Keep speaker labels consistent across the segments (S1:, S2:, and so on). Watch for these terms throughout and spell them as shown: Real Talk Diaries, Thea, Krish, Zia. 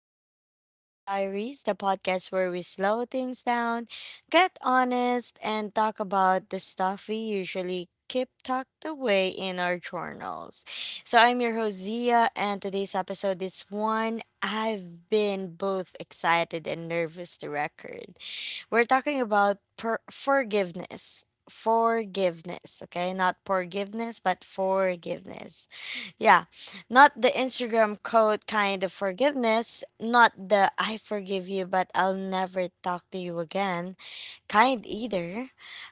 S1: back to Real Talk Diaries, the podcast where we slow things down, get honest, and talk about the stuff we usually keep tucked away in our journals. So, I'm your host, Zia, and today's episode is one I've been both excited and nervous to record. We're talking about forgiveness. Forgiveness, okay? Not forgiveness, but forgiveness. Yeah, not the Instagram code kind of forgiveness, not the I forgive you, but I'll never talk to you again kind either.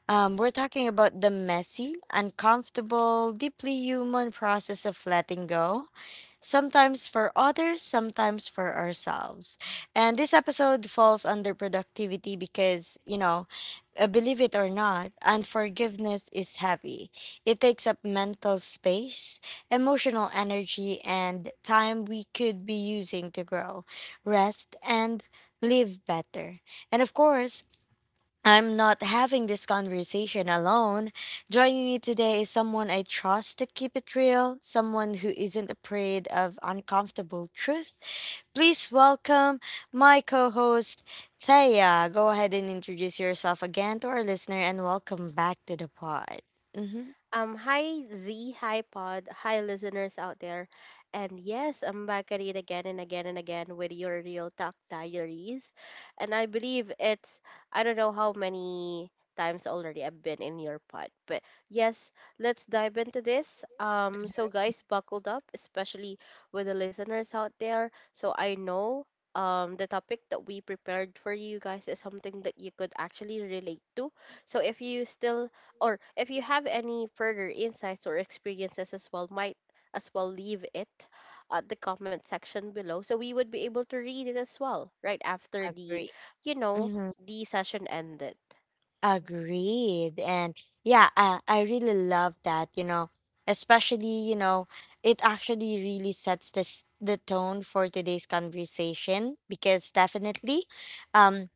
S1: We're talking about the messy, uncomfortable, deeply human process of letting go, sometimes for others, sometimes for ourselves. And this episode falls under productivity because believe it or not, unforgiveness is heavy. It takes up mental space, emotional energy, and time we could be using to grow, rest, and live better. And of course, I'm not having this conversation alone. Joining me today is someone I trust to keep it real, someone who isn't afraid of uncomfortable truth. Please welcome my co host, Thea. Go ahead and introduce yourself again to our listener and welcome back to the pod. Mm-hmm.
S2: Hi Z, hi Pod, hi listeners out there. And yes, I'm back at it again and again and again with your real talk diaries. And I believe it's I don't know how many times already I've been in your pod. But yes, let's dive into this. So guys, buckled up, especially with the listeners out there. So I know, the topic that we prepared for you guys is something that you could actually relate to. So if you still, or if you have any further insights or experiences as well, might as well leave it at the comment section below so we would be able to read it as well right after the
S1: Agree.
S2: you know the session ended.
S1: Agreed. And yeah, I really love that, especially, it actually really sets this the tone for today's conversation, because definitely, um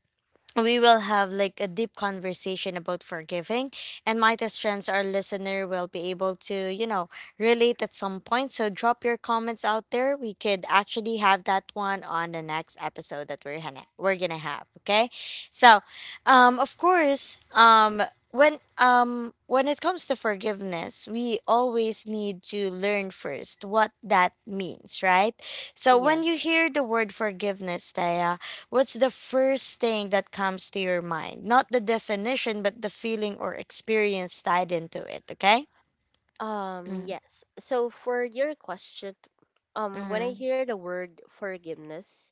S1: we will have like a deep conversation about forgiving, and might as chance our listener will be able to, relate at some point. So drop your comments out there, we could actually have that one on the next episode that we're gonna have, okay? So, of course, when it comes to forgiveness, we always need to learn first what that means, right? So when you
S2: Yes.
S1: hear the word forgiveness, Thea, what's the first thing that comes to your mind? Not the definition, but the feeling or experience tied into it, okay? Mm,
S2: Yes so for your question, when I
S1: mhm,
S2: hear the word forgiveness,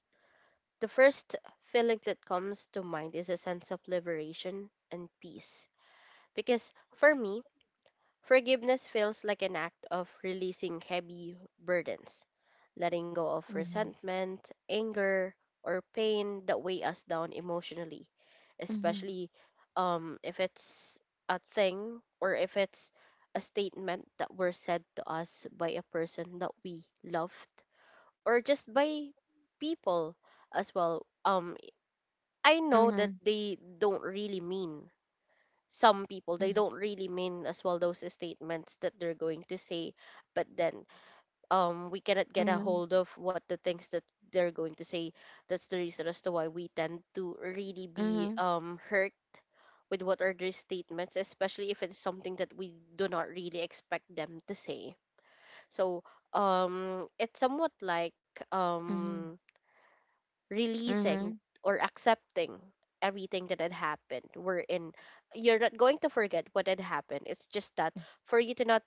S2: the first feeling that comes to mind is a sense of liberation and peace. Because for me, forgiveness feels like an act of releasing heavy burdens, letting go of
S1: mhm,
S2: resentment, anger, or pain that weigh us down emotionally,
S1: mhm,
S2: especially, if it's a thing, or if it's a statement that were said to us by a person that we loved, or just by people as well. I know that
S1: mhm,
S2: they don't really mean some people, they don't really mean as well those statements that they're going to say. But then, we cannot get a
S1: mhm,
S2: hold of what the things that they're going to say. That's the reason as to why we tend to really be,
S1: mhm,
S2: hurt with what are their statements, especially if it's something that we do not really expect them to say. So, it's somewhat like, um
S1: mhm,
S2: releasing
S1: mhm,
S2: or accepting everything that had happened, wherein you're not going to forget what had happened. It's just that, for you to not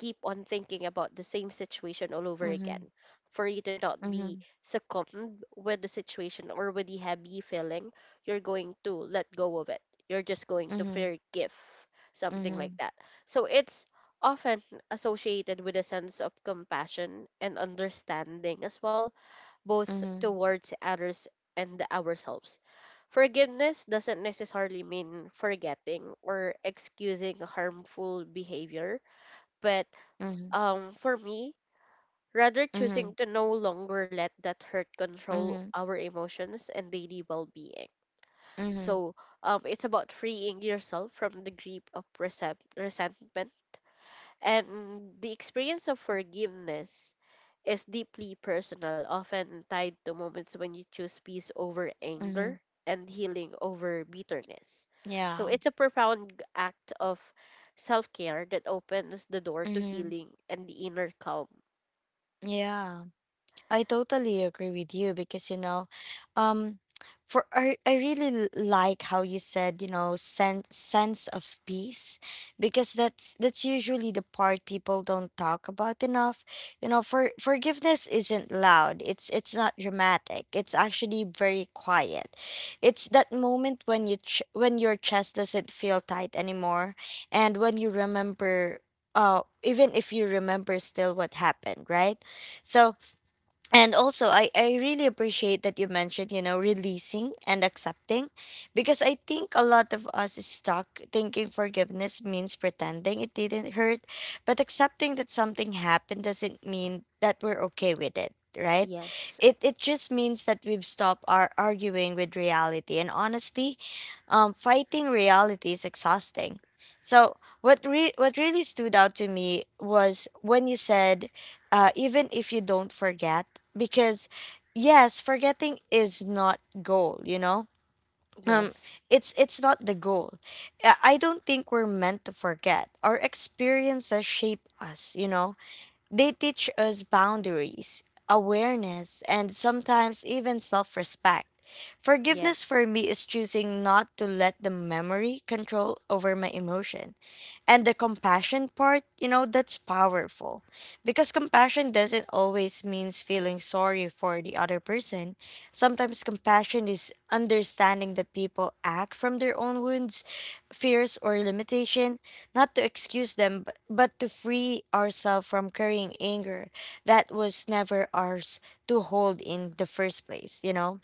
S2: keep on thinking about the same situation all over
S1: mhm,
S2: again, for you to not be
S1: mhm,
S2: succumbed with the situation or with the heavy feeling, you're going to let go of it. You're just going to
S1: mhm,
S2: forgive,
S1: mhm,
S2: something like
S1: mhm,
S2: that. So it's often associated with a sense of compassion and understanding as well, both
S1: mhm,
S2: towards others and ourselves. Forgiveness doesn't necessarily mean forgetting or excusing harmful behavior, but
S1: mhm,
S2: for me, rather choosing
S1: mhm,
S2: to no longer let that hurt control
S1: mhm,
S2: our emotions and daily well being.
S1: mhm,
S2: So, it's about freeing yourself from the grip of resentment, and the experience of forgiveness is deeply personal, often tied to moments when you choose peace over anger
S1: mhm.
S2: and healing over bitterness. So
S1: Yeah.
S2: it's a profound act of self care that opens the door to
S1: mhm,
S2: healing and the inner calm.
S1: Yeah. I totally agree with you because, you know, um, I really like how you said, you know, sense of peace, because that's usually the part people don't talk about enough, you know. For forgiveness isn't loud, it's not dramatic, it's actually very quiet. It's that moment when when your chest doesn't feel tight anymore, and when you remember, even if you remember still what happened, right? So, and also I really appreciate that you mentioned, you know, releasing and accepting, because I think a lot of us is stuck thinking forgiveness means pretending it didn't hurt. But accepting that something happened doesn't mean that we're okay with it, right?
S2: Yes,
S1: It just means that we've stopped our arguing with reality, and honestly, fighting reality is exhausting. So what really stood out to me was when you said, even if you don't forget, because yes, forgetting is not goal, you know. um
S2: yes,
S1: it's not the goal. I don't think we're meant to forget. Our experiences shape us, you know. They teach us boundaries, awareness, and sometimes even self-respect. Forgiveness
S2: yes.
S1: for me is choosing not to let the memory control over my emotions. And the compassion part, you know, that's powerful. Because compassion doesn't always means feeling sorry for the other person. Sometimes compassion is understanding that people act from their own wounds, fears or limitation, not to excuse them, but to free ourselves from carrying anger that was never ours to hold in the first place, you know?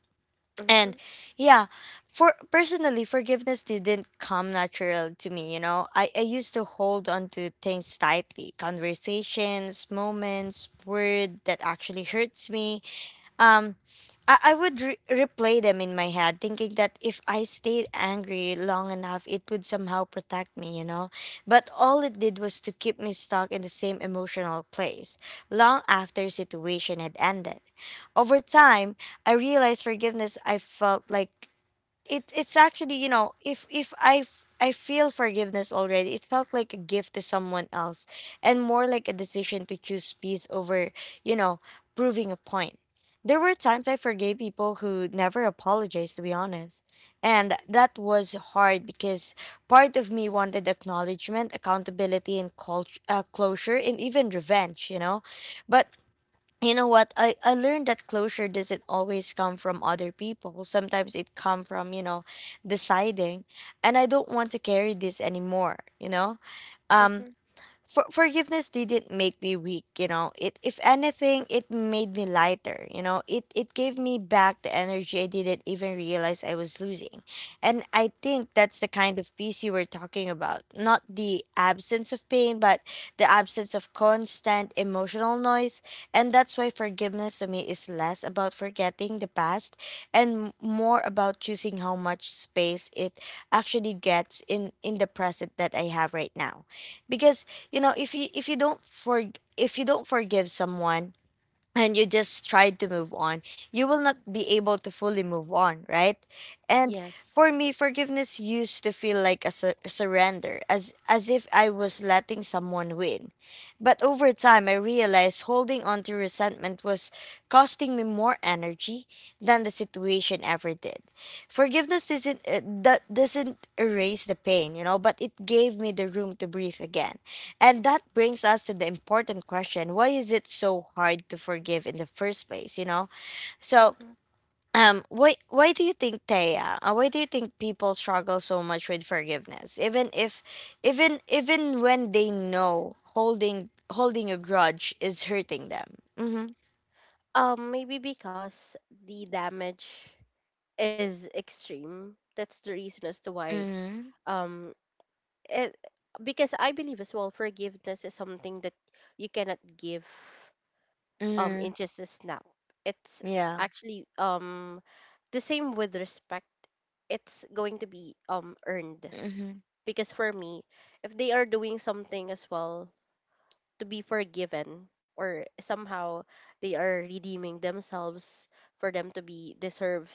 S2: Mm-hmm,
S1: And yeah, for personally, forgiveness didn't come natural to me, you know. I used to hold on to things tightly, conversations, moments, word that actually hurts me. Um I would replay them in my head, thinking that if I stayed angry long enough, it would somehow protect me, you know? But all it did was to keep me stuck in the same emotional place, long after situation had ended. Over time, I realized forgiveness I felt like it it's actually, you know, if I feel forgiveness already, it felt like a gift to someone else, and more like a decision to choose peace over, you know, proving a point. There were times I forgave people who never apologized, to be honest, and that was hard, because part of me wanted acknowledgement, accountability, and culture, closure, and even revenge, you know. But you know what, I learned that closure doesn't always come from other people, sometimes it come from, you know, deciding, and I don't want to carry this anymore, you know. um
S2: mm-hmm,
S1: forgiveness didn't make me weak, you know. It, if anything, it made me lighter, you know. It gave me back the energy I didn't even realize I was losing. And I think that's the kind of peace you were talking about, not the absence of pain, but the absence of constant emotional noise. And that's why forgiveness to me is less about forgetting the past, and more about choosing how much space it actually gets in the present that I have right now. Because, you know, if you don't for if you don't forgive someone, and you just try to move on, you will not be able to fully move on, right? And
S2: yes.
S1: for me, forgiveness used to feel like a surrender, as if I was letting someone win. But over time I realized holding on to resentment was costing me more energy than the situation ever did. Forgiveness doesn't, doesn't erase the pain, you know, but it gave me the room to breathe again. And that brings us to the important question: why is it so hard to forgive in the first place? You know, so,
S2: Mm-hmm.
S1: why do you think, Taya? Why do you think people struggle so much with forgiveness, even if, even when they know holding a grudge is hurting them? Mm-hmm.
S2: Maybe because the damage is extreme. That's the reason as to why,
S1: Mm-hmm.
S2: um it, because I believe as well, forgiveness is something that you cannot give,
S1: Mm-hmm.
S2: in just a snap. It's
S1: Yeah.
S2: actually, the same with respect. It's going to be, earned.
S1: Mm-hmm.
S2: Because for me, if they are doing something as well to be forgiven, or somehow they are redeeming themselves for them to be deserve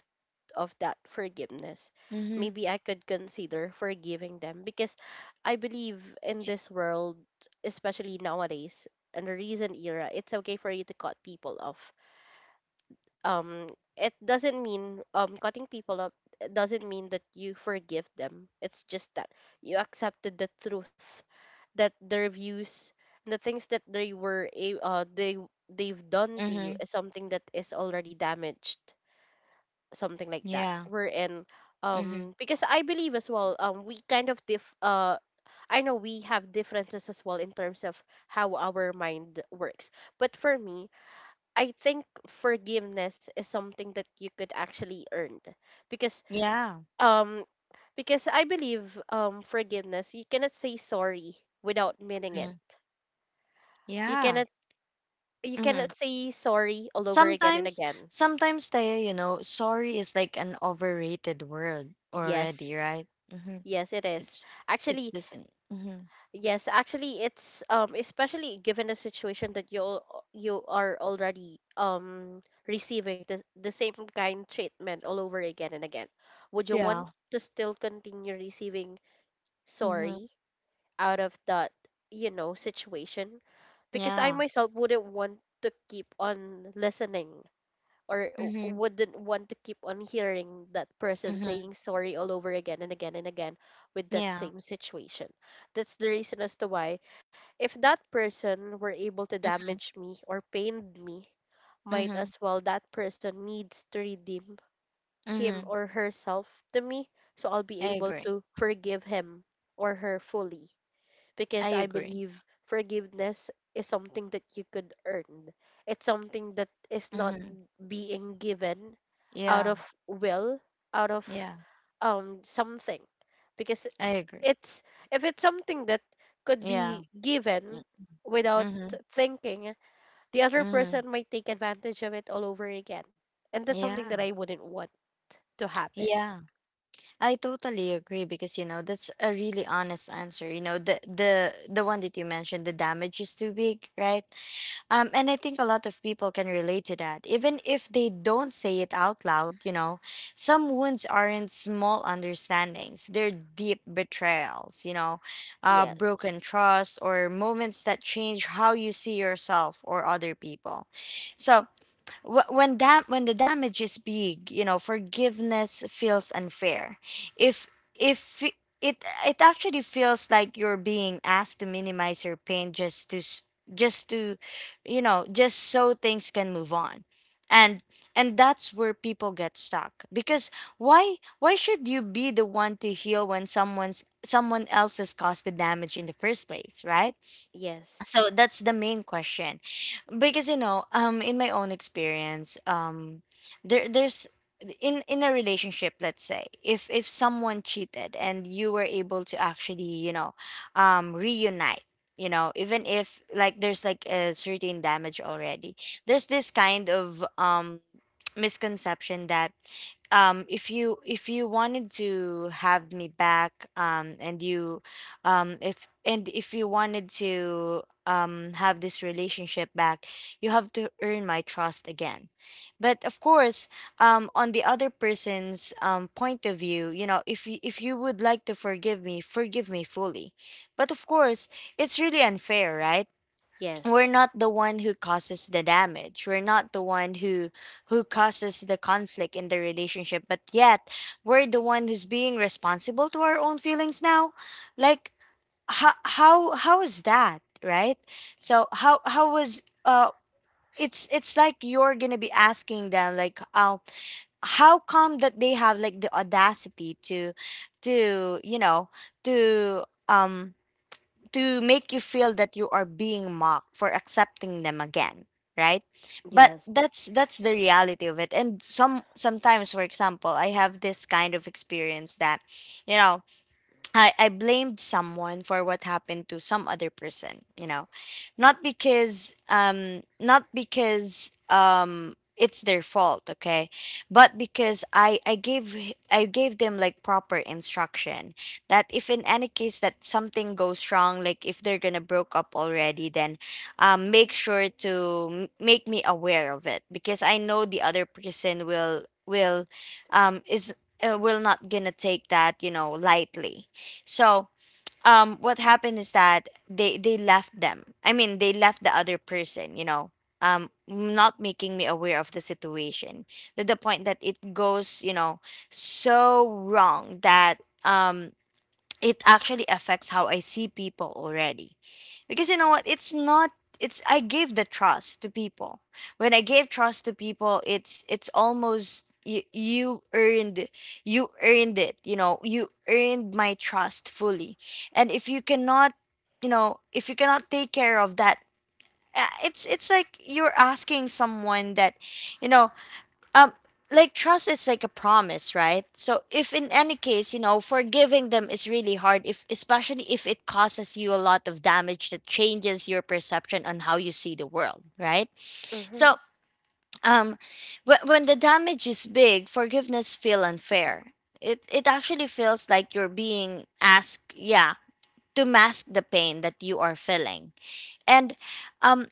S2: of that forgiveness,
S1: Mm-hmm.
S2: maybe I could consider forgiving them. Because I believe in this world, especially nowadays, in the recent era, it's okay for you to cut people off. Um, it doesn't mean, cutting people off doesn't mean that you forgive them. It's just that you accepted the truth that their views, and the things that they were a- they they've done to you,
S1: Mm-hmm.
S2: is something that is already damaged, something like that,
S1: Yeah.
S2: we're in
S1: Mm-hmm.
S2: because I believe as well, we kind of diff I know we have differences as well in terms of how our mind works. But for me, I think forgiveness is something that you could actually earn. Because,
S1: Yeah.
S2: um I believe, forgiveness, you cannot say sorry without meaning
S1: Mm-hmm.
S2: it. you
S1: Yeah.
S2: cannot you
S1: Mm-hmm.
S2: cannot say sorry all over again and
S1: Sometimes,
S2: again.
S1: sometimes Taya, you know, sorry is like an overrated word
S2: Yes,
S1: already, right? Mm-hmm.
S2: yes, it is.
S1: It's it
S2: Actually,
S1: doesn't. Mm-hmm.
S2: yes, actually, it's, especially given the situation that you are already, receiving the same kind treatment all over again and again. Would you
S1: Yeah.
S2: want to still continue receiving
S1: Mm-hmm.
S2: sorry out of that situation? Because I
S1: Yeah.
S2: myself wouldn't want to keep on listening,
S1: Mm-hmm.
S2: wouldn't want to keep on hearing that person
S1: Mm-hmm.
S2: saying sorry all over again and again and again with that
S1: Yeah.
S2: same situation. That's the reason as to why, if that person were able to
S1: Mm-hmm.
S2: damage me or pained me, might
S1: Mm-hmm.
S2: as well that person needs to redeem him
S1: Mm-hmm.
S2: or herself to me, so I'll be
S1: I
S2: able
S1: agree.
S2: to forgive him or her fully. Because
S1: I
S2: I
S1: agree.
S2: believe forgiveness is something that you could earn. It's something that is not
S1: Mm-hmm.
S2: being given out
S1: Yeah.
S2: of will, out of,
S1: Yeah.
S2: something. Because
S1: I agree.
S2: it's, if it's something that could
S1: Yeah.
S2: be given
S1: Mm-hmm.
S2: without
S1: Mm-hmm.
S2: thinking, the other
S1: Mm-hmm.
S2: person might take advantage of it all over again. And that's
S1: Yeah.
S2: something that I wouldn't want to happen.
S1: Yeah. I totally agree, because you know that's a really honest answer. You know the the one that you mentioned, the damage is too big, right? And I think a lot of people can relate to that. Even if they don't say it out loud, you know, some wounds aren't small understandings, they're deep betrayals, you know,
S2: Yes.
S1: broken trust, or moments that change how you see yourself or other people. So, when when the damage is big, you know, forgiveness feels unfair. If if I- it actually feels like you're being asked to minimize your pain just to, you know, just so things can move on. and and that's where people get stuck, because why should you be the one to heal when someone else has caused the damage in the first place, right?
S2: Yes.
S1: So that's the main question. Because you know, in my own experience, there there's in a relationship, let's say, if someone cheated and you were able to actually, you know, reunite, you know, even if like there's like a certain damage already, there's this kind of misconception that, if you, if you wanted to have me back, and you, if and if you wanted to, have this relationship back, you have to earn my trust again. But of course, on the other person's point of view, you know, if you, if you would like to forgive me, forgive me fully. But of course, it's really unfair, right? We're
S2: Yes.
S1: not the one who causes the damage, we're not the one who causes the conflict in the relationship, but yet we're the one who's being responsible to our own feelings now. Like how is that, right? So how was, it's like you're gonna be asking them like how come that they have like the audacity to, you know, to, um to make you feel that you are being mocked for accepting them again, right? But
S2: Yes.
S1: that's the reality of it. And sometimes, for example, I have this kind of experience that, you know, I blamed someone for what happened to some other person, you know, not because, it's their fault, okay, but because I I gave them like proper instruction, that if in any case that something goes wrong, like if they're gonna broke up already, then, make sure to, make me aware of it, because I know the other person will, is will not gonna take that lightly. so, what happened is that they left them. I mean, they left the other person. Not making me aware of the situation to the point that it goes, you know, so wrong that it actually affects how I see people already. Because you know what? It's not it's I gave the trust to people. When I gave trust to people, it's almost you, you earned it, you know, you earned my trust fully. And if you cannot, you know, if you cannot take care of that, it's like you're asking someone that, you know, um like trust is like a promise, right? So if in any case, you know, forgiving them is really hard, if especially if it causes you a lot of damage that changes your perception on how you see the world, right?
S2: Mm-hmm.
S1: so um when the damage is big, forgiveness feel unfair. It actually feels like you're being asked, yeah, to mask the pain that you are feeling. And um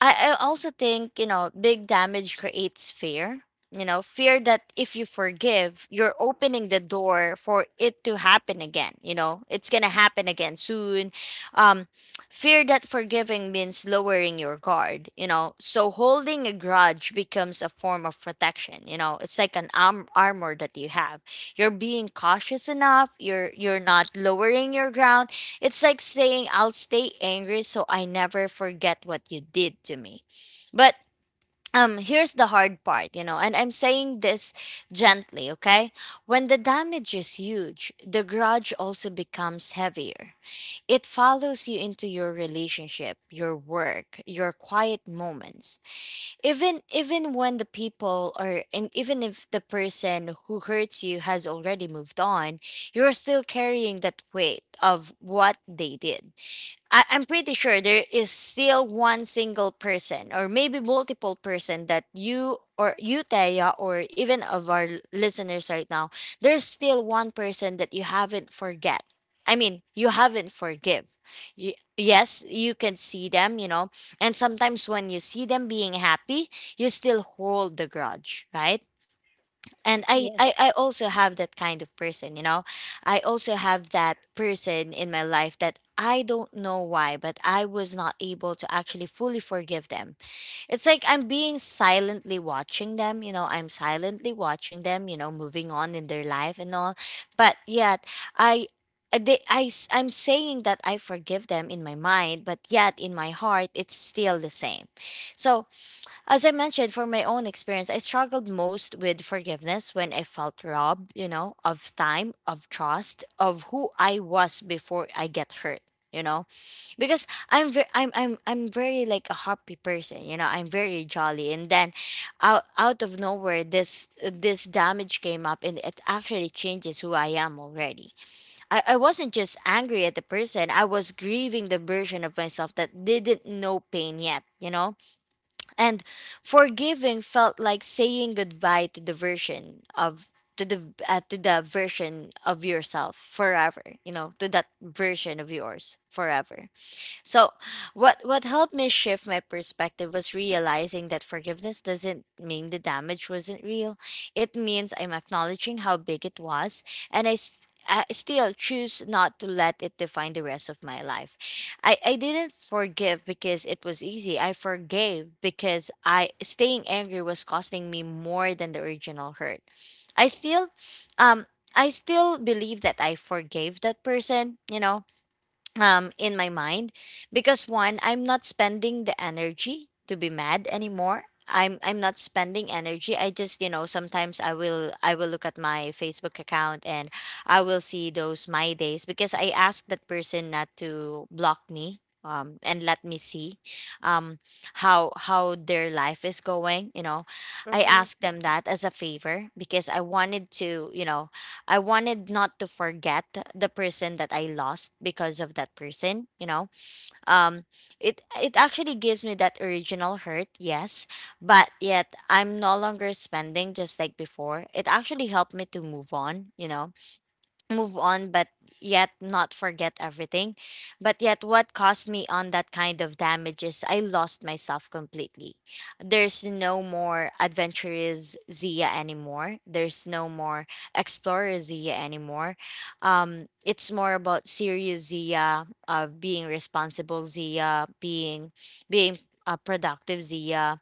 S1: I also think, you know, big damage creates fear. You know, fear that if you forgive, you're opening the door for it to happen again. You know, it's going to happen again soon. Um, Fear that forgiving means lowering your guard, you know. So holding a grudge becomes a form of protection. You know, it's like an armor that you have. You're being cautious enough, you're not lowering your ground. It's like saying I'll stay angry so I never forget what you did to me. But here's the hard part, you know, and I'm saying this gently, okay? When the damage is huge, the grudge also becomes heavier. It follows you into your relationship, your work, your quiet moments. Even when the people are and even if the person who hurts you has already moved on, you're still carrying that weight of what they did. I'm pretty sure there is still one single person or maybe multiple person that you or you Teya or even of our listeners right now, there's still one person that you haven't forget. I mean, you haven't forgive. Yes, you can see them, you know, and sometimes when you see them being happy, you still hold the grudge, right? And I
S2: Yes.
S1: also have that kind of person, you know. I also have that person in my life that I don't know why, but I was not able to actually fully forgive them. It's like I'm being silently watching them, you know, I'm silently watching them, you know, moving on in their life and all, but yet I I, I'm saying that I forgive them in my mind, but yet in my heart, it's still the same. So, as I mentioned, for my own experience, I struggled most with forgiveness when I felt robbed, you know, of time, of trust, of who I was before I get hurt, you know, because I'm very like a happy person, you know, I'm very jolly, and then out of nowhere, this damage came up, and it actually changes who I am already. I wasn't just angry at the person; I was grieving the version of myself that didn't know pain yet, you know. And forgiving felt like saying goodbye to the version of to the version of yourself forever, you know, to that version of yours forever. So, what helped me shift my perspective was realizing that forgiveness doesn't mean the damage wasn't real. It means I'm acknowledging how big it was, and I still choose not to let it define the rest of my life. I didn't forgive because it was easy. I forgave because I staying angry was costing me more than the original hurt. I still um I still believe that I forgave that person, you know, in my mind, because one, I'm not spending the energy to be mad anymore. I'm not spending energy. I just, you know, sometimes I will look at my Facebook account, and I will see those my days because I asked that person not to block me, and let me see, um, how their life is going, you know. I
S2: Mm-hmm.
S1: asked them that as a favor because I wanted to, you know, I wanted not to forget the person that I lost because of that person, you know. Um it it actually gives me that original hurt, yes, but yet I'm no longer spending just like before. It actually helped me to move on, you know, move on, but yet not forget everything. But yet what cost me on that kind of damage is I lost myself completely. There's no more adventurous Zia anymore, there's no more explorer Zia anymore. It's more about serious Zia, of being responsible Zia, being being a productive Zia,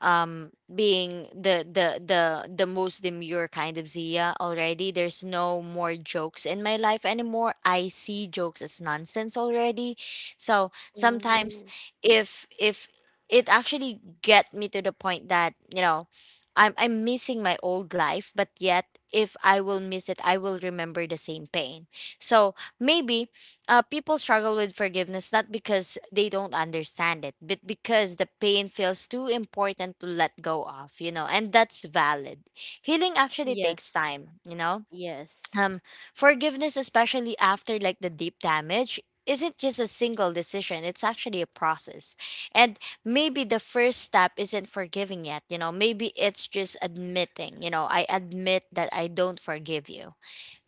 S1: being the most demure kind of Zia already. There's no more jokes in my life anymore. I see jokes as nonsense already. So sometimes
S2: Oh,
S1: if it actually get me to the point that, you know, I'm missing my old life, but yet if I will miss it, I will remember the same pain. So maybe people struggle with forgiveness not because they don't understand it, but because the pain feels too important to let go of, you know, and that's valid. Healing actually takes
S2: yes,
S1: time, you know.
S2: yes,
S1: Um, Forgiveness, especially after like the deep damage, isn't just a single decision, it's actually a process. And maybe the first step isn't forgiving yet, you know, maybe it's just admitting, you know, I admit that I don't forgive you.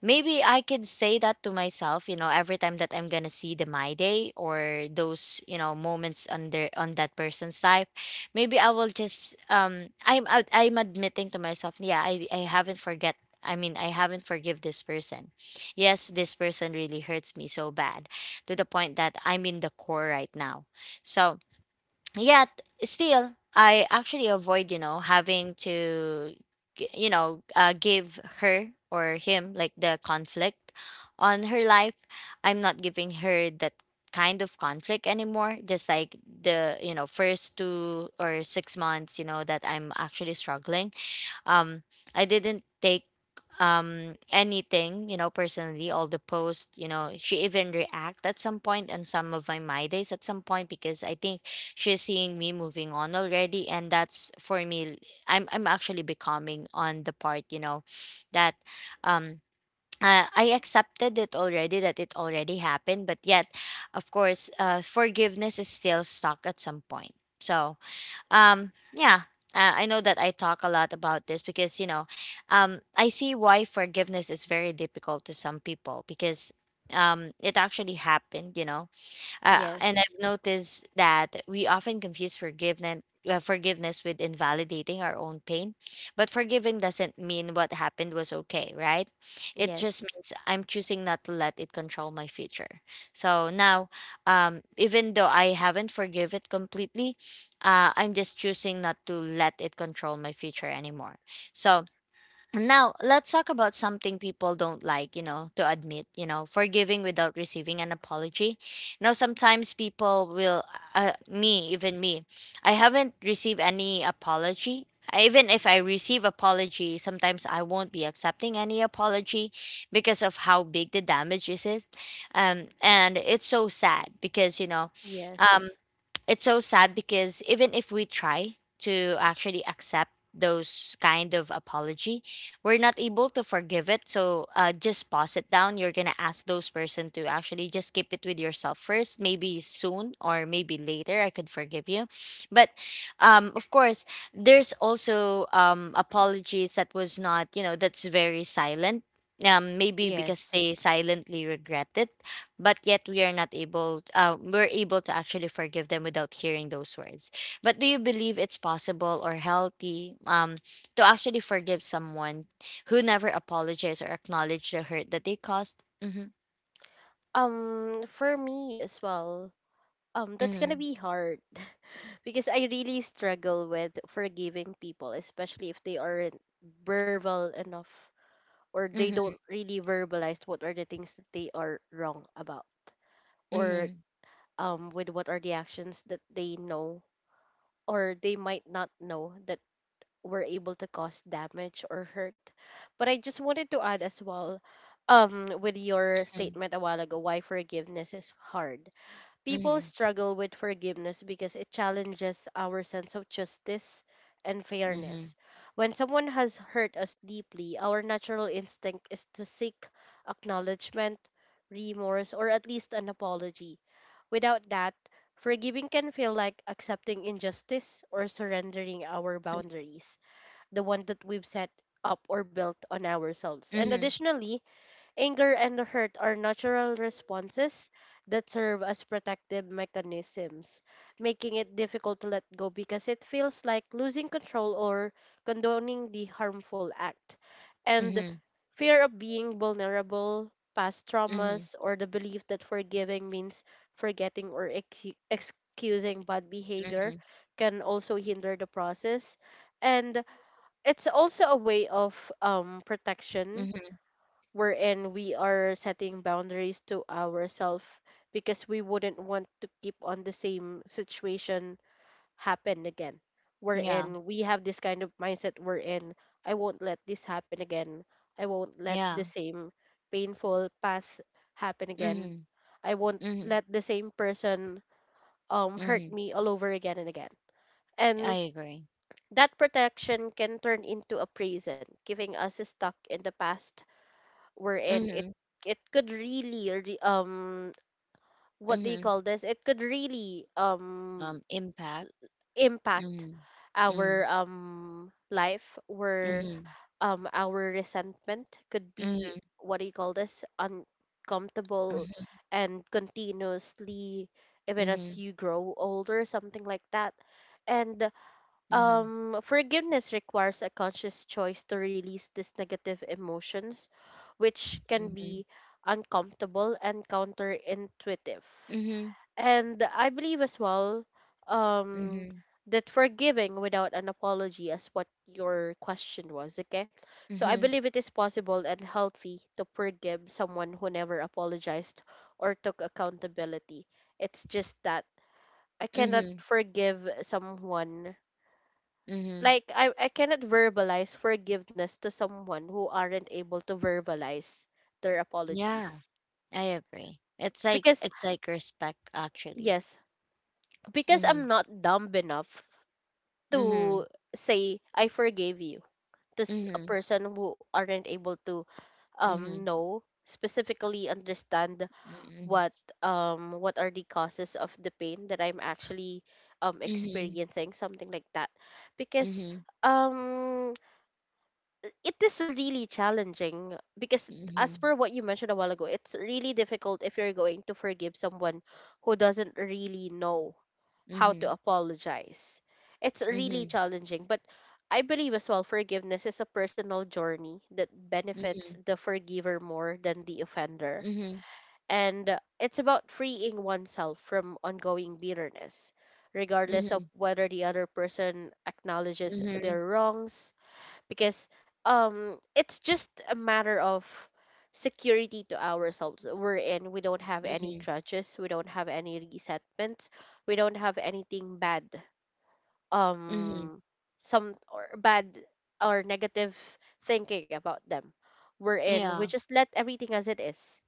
S1: Maybe I could say that to myself, you know, every time that I'm gonna see the my day or those, you know, moments under on that person's life, maybe I will just I'm admitting to myself, yeah, I haven't forget. I mean, I haven't forgive this person. Yes, this person really hurts me so bad to the point that I'm in the core right now. So yet still I actually avoid, you know, having to you know, give her or him like the conflict on her life. I'm not giving her that kind of conflict anymore, just like the, you know, first 2 or 6 months, you know, that I'm actually struggling. um, I didn't take anything, you know, personally. All the posts, you know, she even react at some point and some of my my days at some point because I think she's seeing me moving on already, and that's for me. I'm actually becoming on the part, you know, that um. I accepted it already that it already happened, but yet, of course, forgiveness is still stuck at some point. Yeah. I know that I talk a lot about this because, you know, I see why forgiveness is very difficult to some people because it actually happened, you know. And
S2: yes,
S1: I've noticed that we often confuse forgiveness forgiveness with invalidating our own pain. But forgiving doesn't mean what happened was okay, right? It just
S2: yes,
S1: means I'm choosing not to let it control my future. So now, even though I haven't forgive it completely, I'm just choosing not to let it control my future anymore. So now, let's talk about something people don't like, you know, to admit, you know, forgiving without receiving an apology. Now, sometimes people will, me, even me, I haven't received any apology. Even if I receive apology, sometimes I won't be accepting any apology because of how big the damage is. And it's so sad because, you know,
S2: yes,
S1: it's so sad because even if we try to actually accept those kind of apology, we're not able to forgive it. So, just pause it down, you're gonna ask those person to actually just keep it with yourself first. Maybe soon or maybe later I could forgive you. But of course, there's also apologies that was not, you know, that's very silent, maybe because
S2: yes.
S1: they silently regret it. But yet we are not able we're able to actually forgive them without hearing those words. But do you believe it's possible or healthy to actually forgive someone who never apologized or acknowledged the hurt that they caused? Mm-hmm.
S2: For me as well, that's
S1: Mm-hmm.
S2: gonna be hard, because I really struggle with forgiving people, especially if they aren't verbal enough, or they don't really verbalize what are the things that they are wrong about, or
S1: Mm-hmm.
S2: with what are the actions that they know, or they might not know, that were able to cause damage or hurt. But I just wanted to add as well, with your
S1: Mm-hmm.
S2: statement a while ago, why forgiveness is hard. People
S1: Mm-hmm.
S2: struggle with forgiveness because it challenges our sense of justice and
S1: Mm-hmm.
S2: fairness. When someone has hurt us deeply, our natural instinct is to seek acknowledgement, remorse, or at least an apology. Without that, forgiving can feel like accepting injustice or surrendering our boundaries, the one that we've set up or built on ourselves. And
S1: Mm-hmm.
S2: additionally, anger and hurt are natural responses that serve as protective mechanisms, making it difficult to let go because it feels like losing control or condoning the harmful act. And
S1: Mm-hmm.
S2: fear of being vulnerable, past
S1: Mm-hmm.
S2: traumas, or the belief that forgiving means forgetting or excusing bad behavior,
S1: Mm-hmm.
S2: can also hinder the process. And it's also a way of, protection,
S1: Mm-hmm.
S2: wherein we are setting boundaries to ourselves, because we wouldn't want to keep on the same situation happen again,
S1: Yeah,
S2: wherein we have this kind of mindset wherein, I won't let this happen again. I won't let the
S1: yeah.
S2: same painful path happen again.
S1: Mm-hmm.
S2: I won't
S1: Mm-hmm.
S2: let the same person, hurt
S1: Mm-hmm.
S2: me all over again and again.
S1: I
S2: And
S1: agree.
S2: that protection can turn into a prison, giving us stuck in the past, wherein it
S1: Mm-hmm.
S2: it could really, what do you
S1: Mm-hmm.
S2: call this? It could really,
S1: Um, impact.
S2: impact
S1: Mm-hmm. Mm-hmm.
S2: our, life, where,
S1: Mm-hmm.
S2: our resentment could be, what do you call this, uncomfortable,
S1: Mm-hmm.
S2: and continuously, even as
S1: Mhm.
S2: you grow older, something like that. And,
S1: Mhm.
S2: forgiveness requires a conscious choice to release these negative emotions, which can
S1: Mhm.
S2: be uncomfortable and counterintuitive.
S1: Mhm.
S2: And I believe as well, um,
S1: Mhm.
S2: that forgiving without an apology is what your question was, okay? So I
S1: Mhm.
S2: believe it is possible and healthy to forgive someone who never apologized or took accountability. It's just that I cannot
S1: Mhm.
S2: forgive someone,
S1: Mhm.
S2: like I cannot verbalize forgiveness to someone who aren't able to verbalize their
S1: Yeah,
S2: apologies.
S1: I agree.
S2: Because
S1: It's like respect actually.
S2: yes, because I'm
S1: Mhm.
S2: not dumb enough to
S1: Mhm.
S2: say I forgave you to a
S1: Mhm.
S2: person who aren't able to,
S1: Mhm.
S2: know, specifically understand
S1: Mhm.
S2: what, what are the causes of the pain that I'm actually,
S1: Mhm.
S2: experiencing, something like that. Because,
S1: Mhm.
S2: um it is really challenging because, as
S1: Mhm.
S2: per what you mentioned a while ago, it's really difficult if you're going to forgive someone who doesn't really know
S1: Mhm.
S2: how to
S1: Mhm.
S2: apologize. It's really
S1: Mhm.
S2: challenging, but I believe as well, forgiveness is a personal journey that benefits the forgiver more than the offender.
S1: Mhm.
S2: And it's about freeing oneself from ongoing bitterness, regardless of
S1: Mhm.
S2: whether the other person acknowledges
S1: Mhm.
S2: their wrongs. Because, it's just a matter of security to ourselves, we're in we don't have any
S1: Mhm.
S2: grudges, we don't have any resentments, we don't have anything bad,
S1: Mhm.
S2: um some or bad or negative thinking about them, we're in we
S1: Yeah,
S2: just let everything as it is.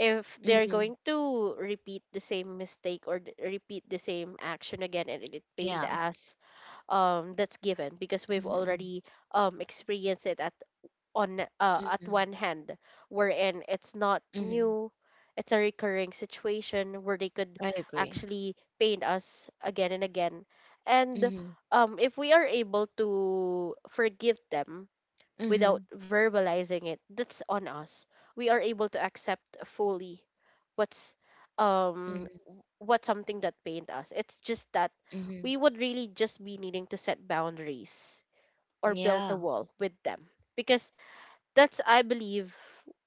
S2: If they're
S1: mhm,
S2: going to repeat the same mistake, or repeat the same action again, and it
S1: yeah,
S2: pained us, that's given, because we've
S1: mhm,
S2: already, experienced it at, on at
S1: mhm,
S2: one hand, wherein it's not
S1: mhm.
S2: new. It's a recurring situation where they could
S1: I agree.
S2: actually paint us again and again. And,
S1: Mhm,
S2: if we are able to forgive them without
S1: mhm,
S2: verbalizing it, that's on us. We are able to accept fully what's um
S1: mhm,
S2: what's something that pained us. It's just that
S1: mhm.
S2: we would really just be needing to set boundaries, or build a
S1: Yeah,
S2: wall with them. Because that's, I believe,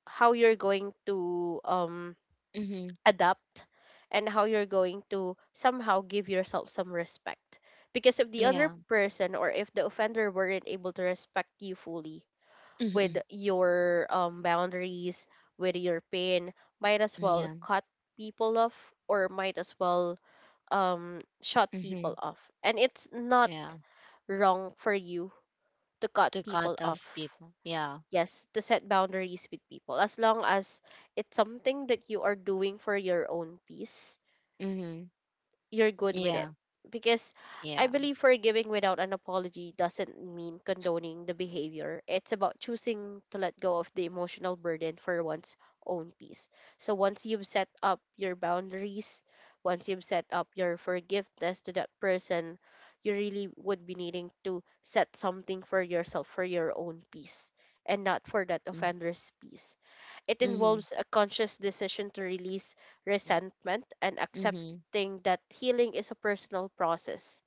S2: how you're going to,
S1: mhm,
S2: adapt, and how you're going to somehow give yourself some respect. Because if the other
S1: yeah.
S2: person or if the offender weren't able to respect you fully with
S1: Mhm.
S2: your boundaries, with your pain, might as well
S1: Yeah.
S2: cut people off, or might as well shut
S1: Mm-hmm.
S2: people off. And it's not
S1: Yeah.
S2: wrong for you to cut
S1: To
S2: people
S1: cut off
S2: off.
S1: people. Yeah.
S2: Yes, to set boundaries with people as long as it's something that you are doing for your own peace,
S1: Mm-hmm.
S2: you're good with it.
S1: Yeah.
S2: Because I
S1: Yeah.
S2: believe forgiving without an apology doesn't mean condoning the behavior. It's about choosing to let go of the emotional burden for one's own peace. So once you've set up your boundaries, once you've set up your forgiveness to that person, you really would be needing to set something for yourself for your own peace and not for that
S1: Mm.
S2: offender's peace. It
S1: Mm-hmm.
S2: involves a conscious decision to release
S1: Mm.
S2: resentment and
S1: Mm-hmm.
S2: accepting that healing is a personal process.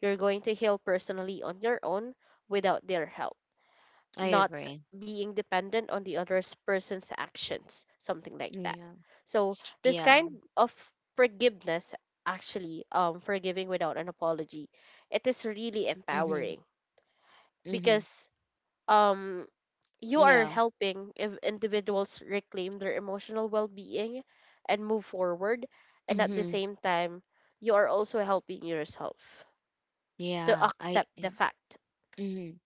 S2: You're going to heal personally on your own without their help,
S1: I
S2: not
S1: agree.
S2: being dependent on the other person's actions, something like that.
S1: Yeah.
S2: So, this
S1: Yeah.
S2: kind of forgiveness, actually, forgiving without an apology, it is really
S1: Mm-hmm.
S2: empowering
S1: Mm-hmm.
S2: because um you are
S1: Yeah.
S2: helping if individuals reclaim their emotional well being and move forward, and at the
S1: Mm-hmm.
S2: same time, you are also helping yourself to
S1: Yeah. I.
S2: accept the
S1: I
S2: fact.
S1: Mm-hmm.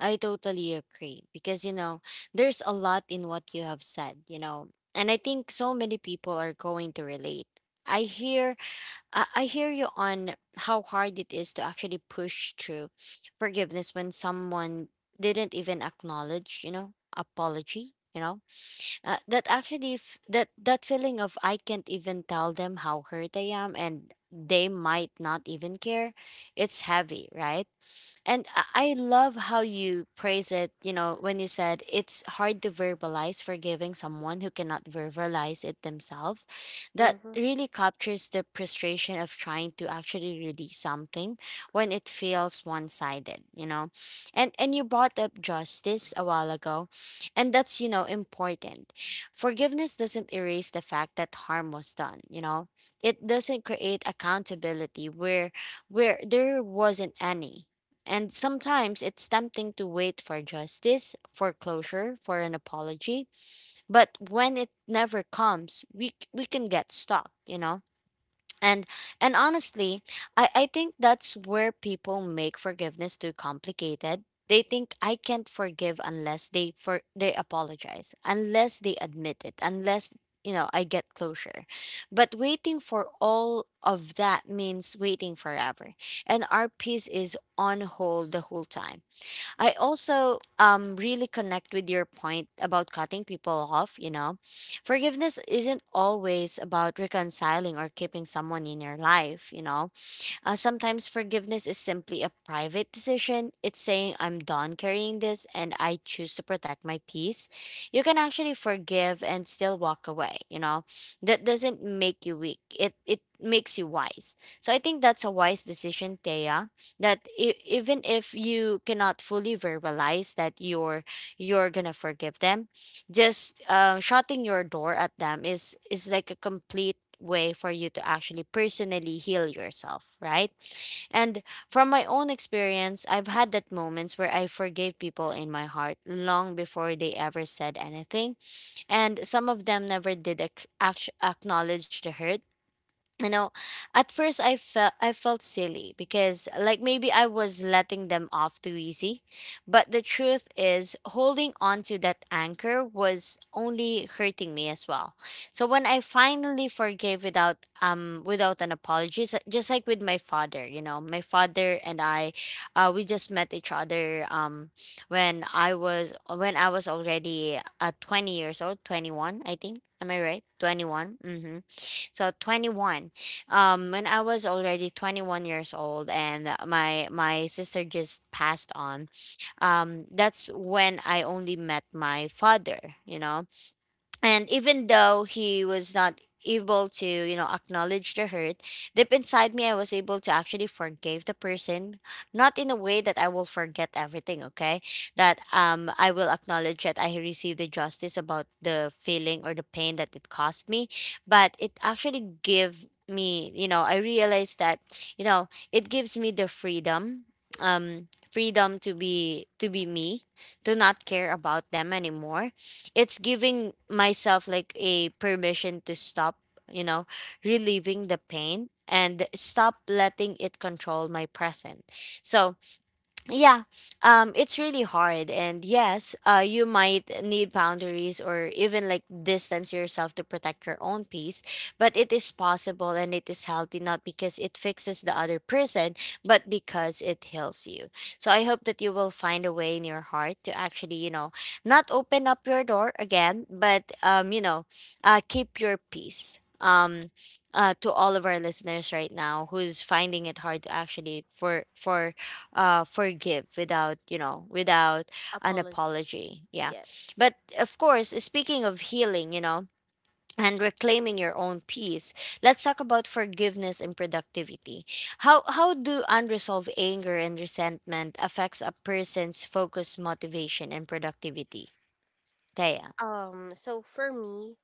S1: I totally agree because there's a lot in what you have said, you know, and I think so many people are going to relate. I hear I hear you on how hard it is to actually push through forgiveness when someone didn't even acknowledge, you know, apology. You know, that that feeling of I can't even tell them how hurt I am, and they might not even care. It's heavy, right? And I love how you praise it, you know, when you said it's hard to verbalize forgiving someone who cannot verbalize it themselves. That
S2: Hmm.
S1: really captures the frustration of trying to actually release something when it feels one-sided, you know. And you brought up justice a while ago, and that's, you know, important. Forgiveness doesn't erase the fact that harm was done, you know. It doesn't create accountability where there wasn't any, and sometimes it's tempting to wait for justice, for closure, for an apology. But when it never comes, we can get stuck, you know? and and honestly, I think that's where people make forgiveness too complicated. They think I can't forgive unless they apologize, unless they admit it, unless, you know, I get closure. But waiting for all of that means waiting forever, and our peace is on hold the whole time. I also really connect with your point about cutting people off, you know. Forgiveness isn't always about reconciling or keeping someone in your life, you know. Sometimes forgiveness is simply a private decision. It's saying, I'm done carrying this and I choose to protect my peace. You can actually forgive and still walk away, you know? That doesn't make you weak, it makes you wise. So I think that's a wise decision, Thea, that even if you cannot fully verbalize that you're gonna forgive them, just shutting your door at them is like a complete way for you to actually personally heal yourself, right? And from my own experience, I've had that moments where I forgave people in my heart long before they ever said anything, and some of them never did acknowledge the hurt, you know. At first I felt silly because, like, maybe I was letting them off too easy, but the truth is holding on to that anchor was only hurting me as well. So when I finally forgave without without an apology, just like with my father, you know, my father and I, we just met each other, when I was when I was already 20 years old, 21, I think, am I right? 21. Mm-hmm. So 21. When I was already 21 years old and my sister just passed on. That's when I only met my father, you know. And even though he was not able to, you know, acknowledge the hurt, deep inside me, I was able to actually forgive the person. Not in a way that I will forget everything, okay? That, um, I will acknowledge that I received the justice about the feeling or the pain that it caused me. But it actually give me, you know, I realized that, you know, it gives me the freedom. Um, freedom to be me, to not care about them anymore. It's giving myself like a permission to stop, you know, relieving the pain and stop letting it control my present. So yeah, it's really hard, and yes, you might need boundaries or even like distance yourself to protect your own peace. But it is possible, and it is healthy, not because it fixes the other person, but because it heals you. So I hope that you will find a way in your heart to actually, you know, not open up your door again, but, you know, keep your peace. To all of our listeners right now who's finding it hard to actually forgive without, you know, without an
S2: Apology.
S1: apology, yeah.
S2: Yes.
S1: But of course, speaking of healing, you know, and reclaiming your own peace, let's talk about forgiveness and productivity. How do unresolved anger and resentment affects a person's focus, motivation, and productivity, Thea.
S2: So for me,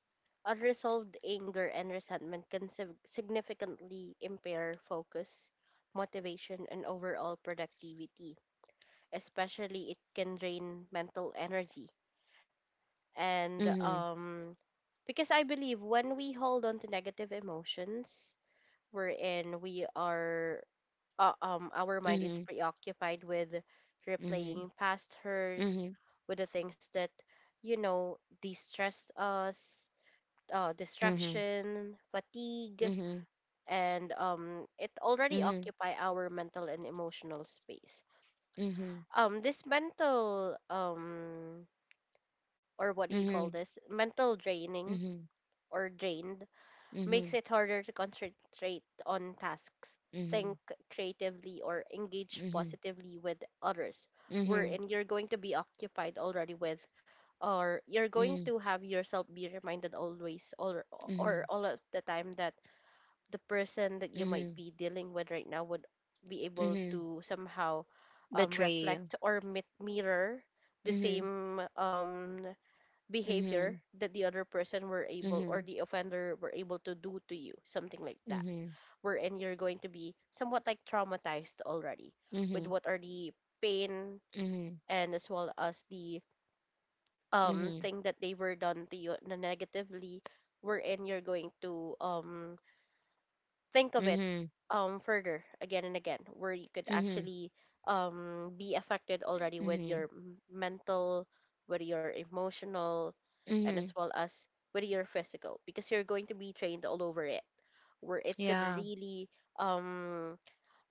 S2: unresolved anger and resentment can significantly impair focus, motivation, and overall productivity. Especially, it can drain mental energy and
S1: Mhm,
S2: um because I believe when we hold on to negative emotions, wherein we are our mind is
S1: mhm,
S2: preoccupied with
S1: mhm,
S2: replaying past hurts,
S1: mhm,
S2: with the things that you know distress us,
S1: mhm,
S2: distraction fatigue,
S1: mhm,
S2: and it already
S1: mhm,
S2: occupy our mental and emotional space.
S1: mhm,
S2: This mental, or what do you call
S1: mhm,
S2: this, mental draining
S1: mhm,
S2: or drained,
S1: mhm,
S2: makes it harder to concentrate on tasks, think creatively, or engage
S1: mhm,
S2: positively with others.
S1: mhm,
S2: Wherein you're going to be occupied already with, or you're going
S1: mhm,
S2: to have yourself be reminded always,
S1: mhm.
S2: or all of the time, that the person that you might
S1: Mhm.
S2: be dealing with right now would be able
S1: Mhm.
S2: to somehow
S1: Betray you.
S2: reflect or mirror the
S1: Mhm.
S2: same behavior
S1: Mhm.
S2: that the other person were able or
S1: Mhm.
S2: the offender were able to do to you, something like that.
S1: Mhm.
S2: Wherein you're going to be somewhat like traumatized already with
S1: Mhm.
S2: what are the pain
S1: Mhm.
S2: and as well as the
S1: Mhm.
S2: thing that they were done to you na negatively, wherein you're going to think of it
S1: Mhm.
S2: further again and again, where you could
S1: Mhm.
S2: actually be affected already with
S1: Mhm.
S2: your mental, with your emotional, and as
S1: Mhm.
S2: well as with your physical, because you're going to be trained all over it, where it could
S1: Yeah.
S2: really um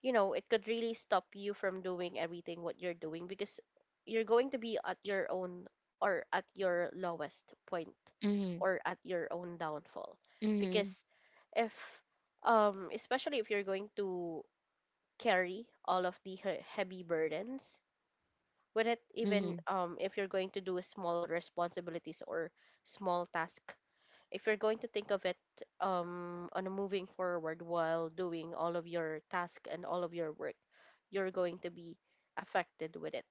S2: you know it could really stop you from doing everything what you're doing, because you're going to be at your own or at your lowest point,
S1: Mhm.
S2: or at your own downfall.
S1: Mhm.
S2: Because if especially if you're going to carry all of the heavy burdens with it, even
S1: Mhm.
S2: if you're going to do small responsibilities or small task, if you're going to think of it on a moving forward while doing all of your task and all of your work, you're going to be affected with it.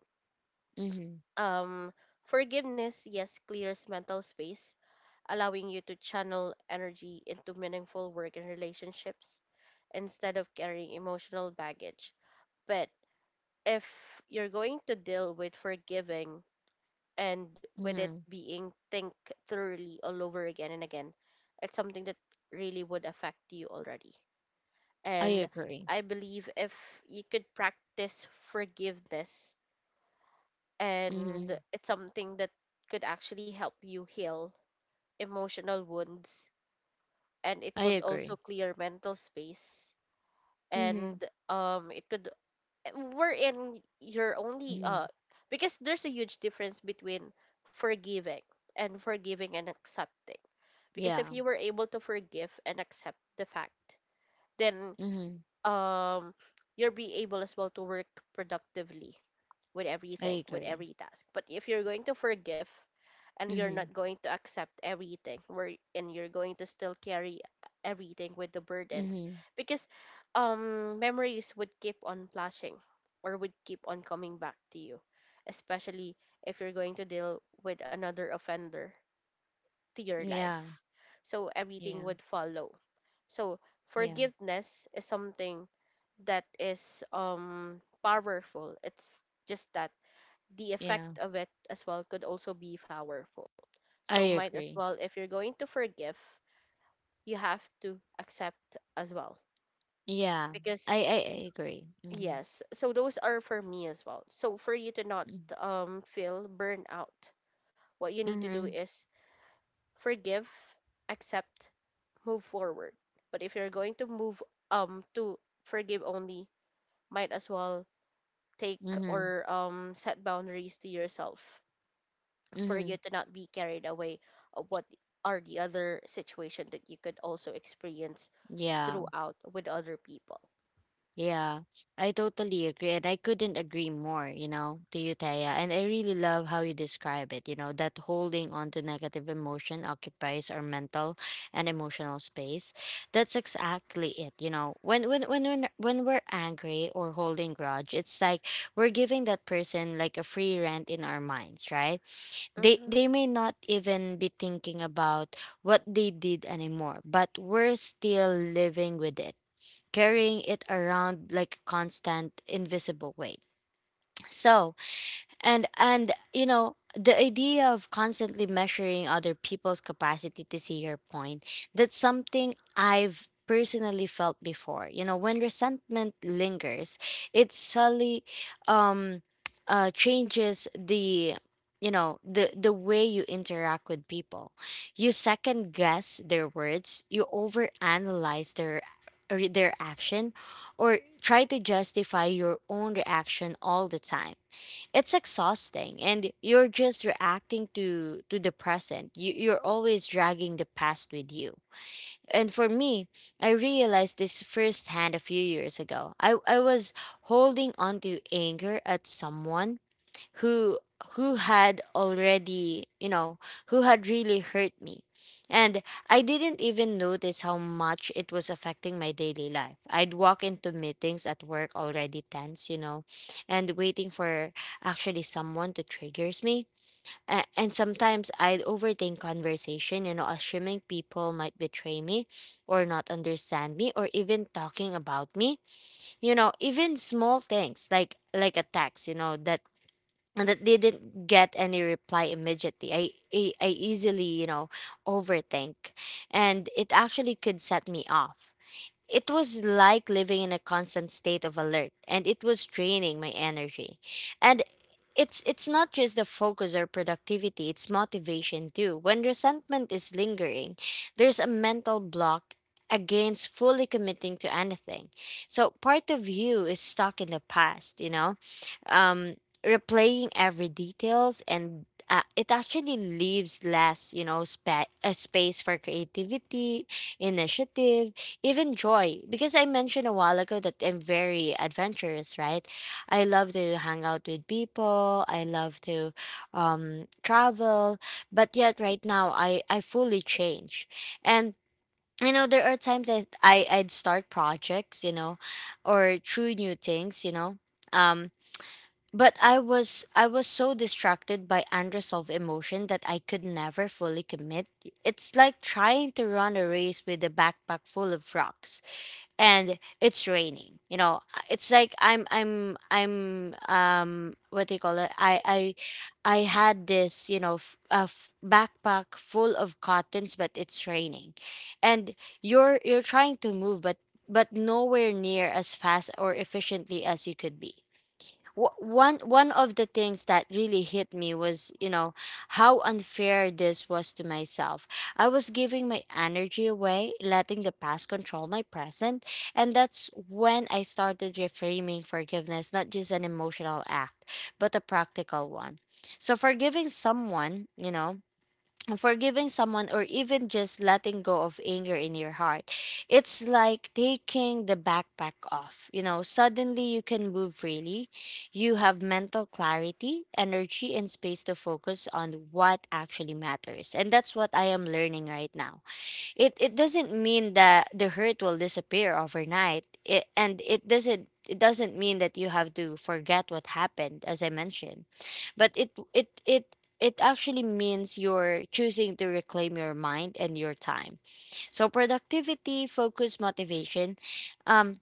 S1: Mhm.
S2: Um, Forgiveness, yes, clears mental space, allowing you to channel energy into meaningful work and relationships instead of carrying emotional baggage. But if you're going to deal with forgiving and with it
S1: Mhm.
S2: being think thoroughly all over again and again, it's something that really would affect you already.
S1: I
S2: And
S1: agree.
S2: I believe if you could practice forgiveness, and
S1: Mhm.
S2: it's something that could actually help you heal emotional wounds, and it
S1: I
S2: could also
S1: agree.
S2: clear mental space,
S1: Mhm.
S2: and it could we're in your only
S1: Mhm.
S2: because there's a huge difference between forgiving and forgiving and accepting. Because if
S1: Yeah.
S2: you were able to forgive and accept the fact, then
S1: Mhm.
S2: um you'll be able as well to work productively with
S1: I
S2: everything, with
S1: agree.
S2: every task. But if you're going to forgive and you're not
S1: Mhm.
S2: going to accept everything where, and you're going to still carry everything with the burdens,
S1: Mhm.
S2: because memories would keep on flashing or would keep on coming back to you, especially if you're going to deal with another offender to your
S1: Yeah.
S2: life. So everything
S1: Yeah.
S2: would follow. So
S1: Yeah.
S2: forgiveness is something that is powerful. It's just that the
S1: Yeah.
S2: effect of it as well could also be powerful.
S1: I
S2: So might as
S1: agree.
S2: well if you're going to forgive, you have to accept as well.
S1: Yeah.
S2: Because
S1: I agree. Mhm.
S2: yes, so those are for me as well. So for you to not
S1: Mhm.
S2: feel burnout, what you need to do
S1: Mhm.
S2: is forgive, accept, move forward. But if you're going to move to forgive only, might as well take
S1: Mhm.
S2: or set boundaries to yourself for you
S1: Mhm.
S2: to not be carried away of what are the other situation that you could also experience
S1: Yeah,
S2: throughout with other people.
S1: yeah. I totally agree. And I couldn't agree more, you know, to you, Taya. And I really love how you describe it, you know, that holding on to negative emotion occupies our mental and emotional space. That's exactly it, you know. When we're angry or holding grudge, it's like we're giving that person like a free rent in our minds, right? They
S2: Mm-hmm.
S1: they may not even be thinking about what they did anymore, but we're still living with it, carrying it around like a constant invisible weight. So, and you know the idea of constantly measuring other people's capacity to see your point, that's something I've personally felt before, you know. When resentment lingers, it subtly um changes the, you know, the way you interact with people. You second guess their words, you overanalyze their action, or try to justify your own reaction all the time. It's exhausting, and you're just reacting to the present. You're always dragging the past with you. And for me, I realized this firsthand a few years ago. I was holding on to anger at someone who had already, you know, who had really hurt me. And I didn't even notice how much it was affecting my daily life. I'd walk into meetings at work already tense, you know, and waiting for actually someone to triggers me. And sometimes I'd overthink conversation, you know, assuming people might betray me, or not understand me, or even talking about me, you know. Even small things, like attacks, you know, that, and that they didn't get any reply immediately. I easily, you know, overthink, and it actually could set me off. It was like living in a constant state of alert, and it was draining my energy. And it's not just the focus or productivity, it's motivation too. When resentment is lingering, there's a mental block against fully committing to anything. So part of you is stuck in the past, you know, um, replaying every details, and it actually leaves less, you know, a space for creativity, initiative, even joy, because I mentioned a while ago that I'm very adventurous, right? I love to hang out with people, I love to, um, travel, but yet right now I fully change. And you know there are times that I'd start projects, you know, or try new things, you know, um, but I was so distracted by unresolved emotion that I could never fully commit. It's like trying to run a race with a backpack full of rocks and it's raining. You know, it's like I'm what do you call it? I I had this, you know, backpack full of cottons but it's raining. And you're trying to move, but nowhere near as fast or efficiently as you could be. One of the things that really hit me was, you know, how unfair this was to myself. I was giving my energy away, letting the past control my present. And that's when I started reframing forgiveness, not just an emotional act, but a practical one. So forgiving someone, you know, forgiving someone or even just letting go of anger in your heart, it's like taking the backpack off, you know. Suddenly you can move freely, you have mental clarity, energy, and space to focus on what actually matters, and that's what I am learning right now. It It doesn't mean that the hurt will disappear overnight, and it doesn't mean that you have to forget what happened, as I mentioned, but it actually means you're choosing to reclaim your mind and your time. So productivity, focus, motivation, um,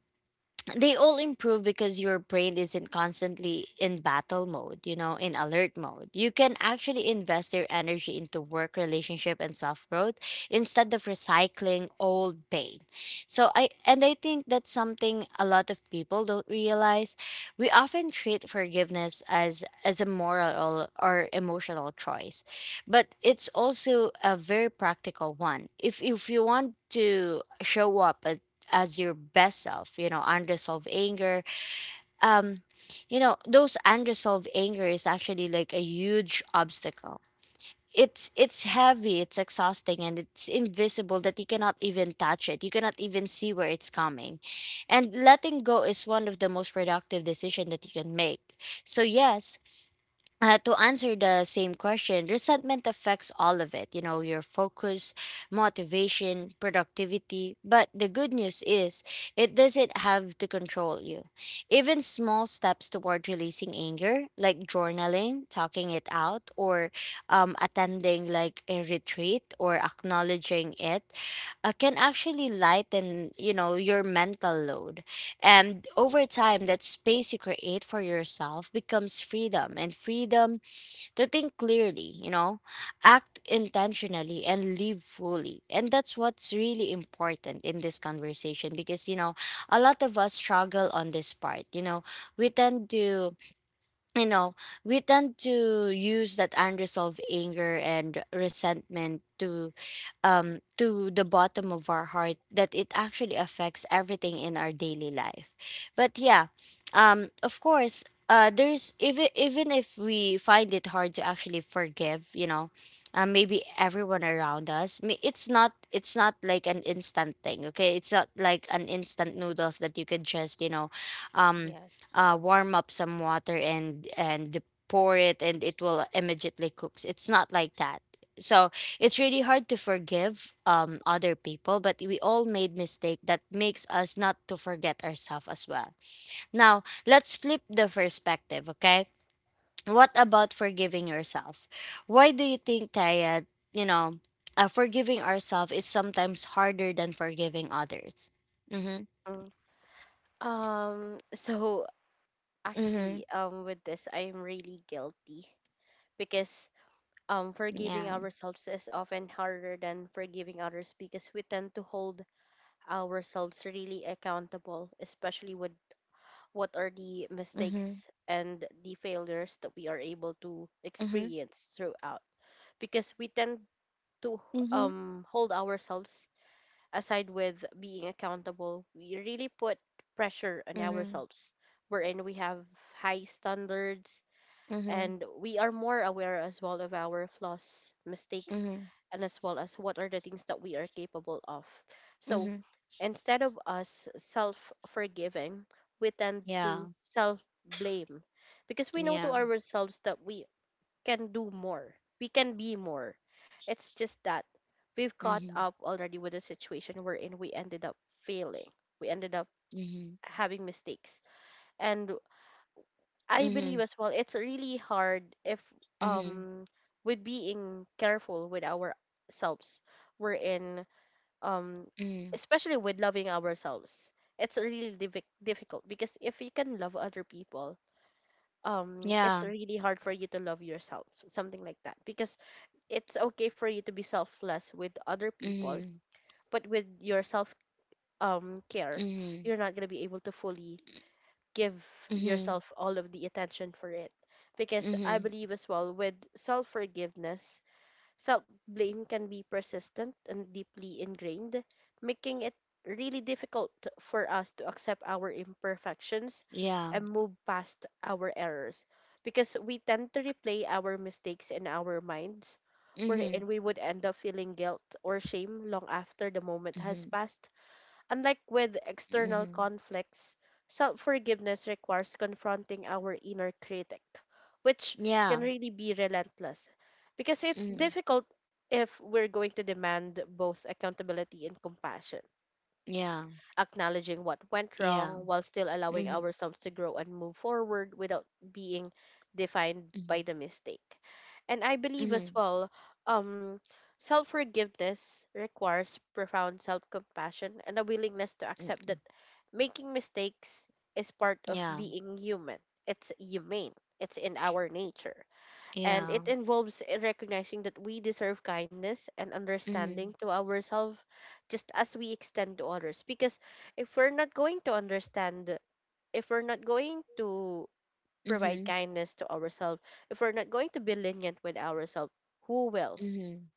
S1: they all improve because your brain isn't constantly in battle mode, you know, in alert mode. You can actually invest your energy into work, relationship, and self growth, instead of recycling old pain. So, I and I think that's something a lot of people don't realize. We often treat forgiveness as a moral or emotional choice, but it's also a very practical one. If you want to show up as your best self, unresolved anger, um those unresolved anger is actually like a huge obstacle. It's heavy, it's exhausting, and it's invisible that you cannot even touch it, you cannot even see where it's coming. And letting go is one of the most productive decision that you can make. So yes, to answer the same question, resentment affects all of it, you know, your focus, motivation, productivity. But the good news is, it doesn't have to control you. Even small steps toward releasing anger, like journaling, talking it out, or attending like a retreat or acknowledging it, can actually lighten, you know, your mental load, and over time that space you create for yourself becomes freedom. And freedom to think clearly, you know, act intentionally and live fully. And that's what's really important in this conversation, because you know a lot of us struggle on this part. We tend to, you know we tend to use that unresolved anger and resentment to, to the bottom of our heart, that it actually affects everything in our daily life. But yeah, of course, there's even if we find it hard to actually forgive, you know, maybe everyone around us. It's not like an instant thing. Okay, it's not like an instant noodles that you could just, you know, um,
S2: Yes.
S1: warm up some water and pour it and it will immediately cooks. It's not like that. So it's really hard to forgive other people, but we all made mistake that makes us not to forget ourselves as well. Now, let's flip the perspective, okay? What about forgiving yourself? Why do you think Taya, you know, forgiving ourselves is sometimes harder than forgiving others? Mhm.
S2: Mm. So
S1: Mhm.
S2: actually, with this, I am really guilty because forgiving
S1: Yeah.
S2: ourselves is often harder than forgiving others because we tend to hold ourselves really accountable, especially with what are the
S1: Mhm.
S2: mistakes and the failures that we are able to
S1: Mhm.
S2: experience throughout. Because we tend to
S1: Mhm.
S2: hold ourselves aside with being accountable. We really put pressure on
S1: Mhm.
S2: ourselves, wherein we have high standards,
S1: Mhm.
S2: and we are more aware as well of our flaws, mistakes,
S1: Mhm.
S2: and as well as what are the things that we are capable of. So
S1: Mhm.
S2: instead of us self forgiving, we tend
S1: Yeah.
S2: to self blame, because we know to
S1: Yeah.
S2: ourselves that we can do more, we can be more. It's just that we've caught
S1: Mhm.
S2: up already with a situation wherein we ended up failing, we ended up
S1: Mhm.
S2: having mistakes, and I believe
S1: Mhm.
S2: as well it's really hard if
S1: Mhm.
S2: um with being careful with ourselves, we're in um
S1: Mhm.
S2: especially with loving ourselves, it's really difficult, because if you can love other people, it's
S1: Yeah.
S2: really hard for you to love yourself, something like that, because it's okay for you to be selfless with other people,
S1: Mhm.
S2: but with your self care,
S1: Mhm.
S2: you're not going to be able to fully give
S1: Mhm.
S2: yourself all of the attention for it. Because I
S1: Mhm.
S2: believe as well with self forgiveness, self blame can be persistent and deeply ingrained, making it really difficult for us to accept our imperfections
S1: Yeah.
S2: and move past our errors. Because we tend to replay our mistakes in our minds,
S1: Mhm.
S2: wherein we would end up feeling guilt or shame long after the moment has
S1: Mhm.
S2: passed. Unlike with external
S1: Mhm.
S2: conflicts, self forgiveness requires confronting our inner critic, which can
S1: Yeah.
S2: really be relentless, because it's
S1: Mhm.
S2: difficult if we're going to demand both accountability and compassion,
S1: Yeah.
S2: acknowledging what went
S1: Yeah.
S2: wrong while still allowing
S1: Mhm.
S2: ourselves to grow and move forward without being defined
S1: Mhm.
S2: by the mistake. And I believe as
S1: Mhm.
S2: well, um, self forgiveness requires profound self compassion and a willingness to accept that
S1: Mm.
S2: making mistakes is part of
S1: Yeah.
S2: being human. It's humane. It's in our nature. And
S1: Yeah.
S2: it involves in recognizing that we deserve kindness and understanding
S1: Mhm.
S2: to ourselves, just as we extend to others. Because if we're not going to understand, if we're not going to provide
S1: Mhm.
S2: kindness to ourselves, if we're not going to be lenient with ourselves, who will?
S1: Mhm.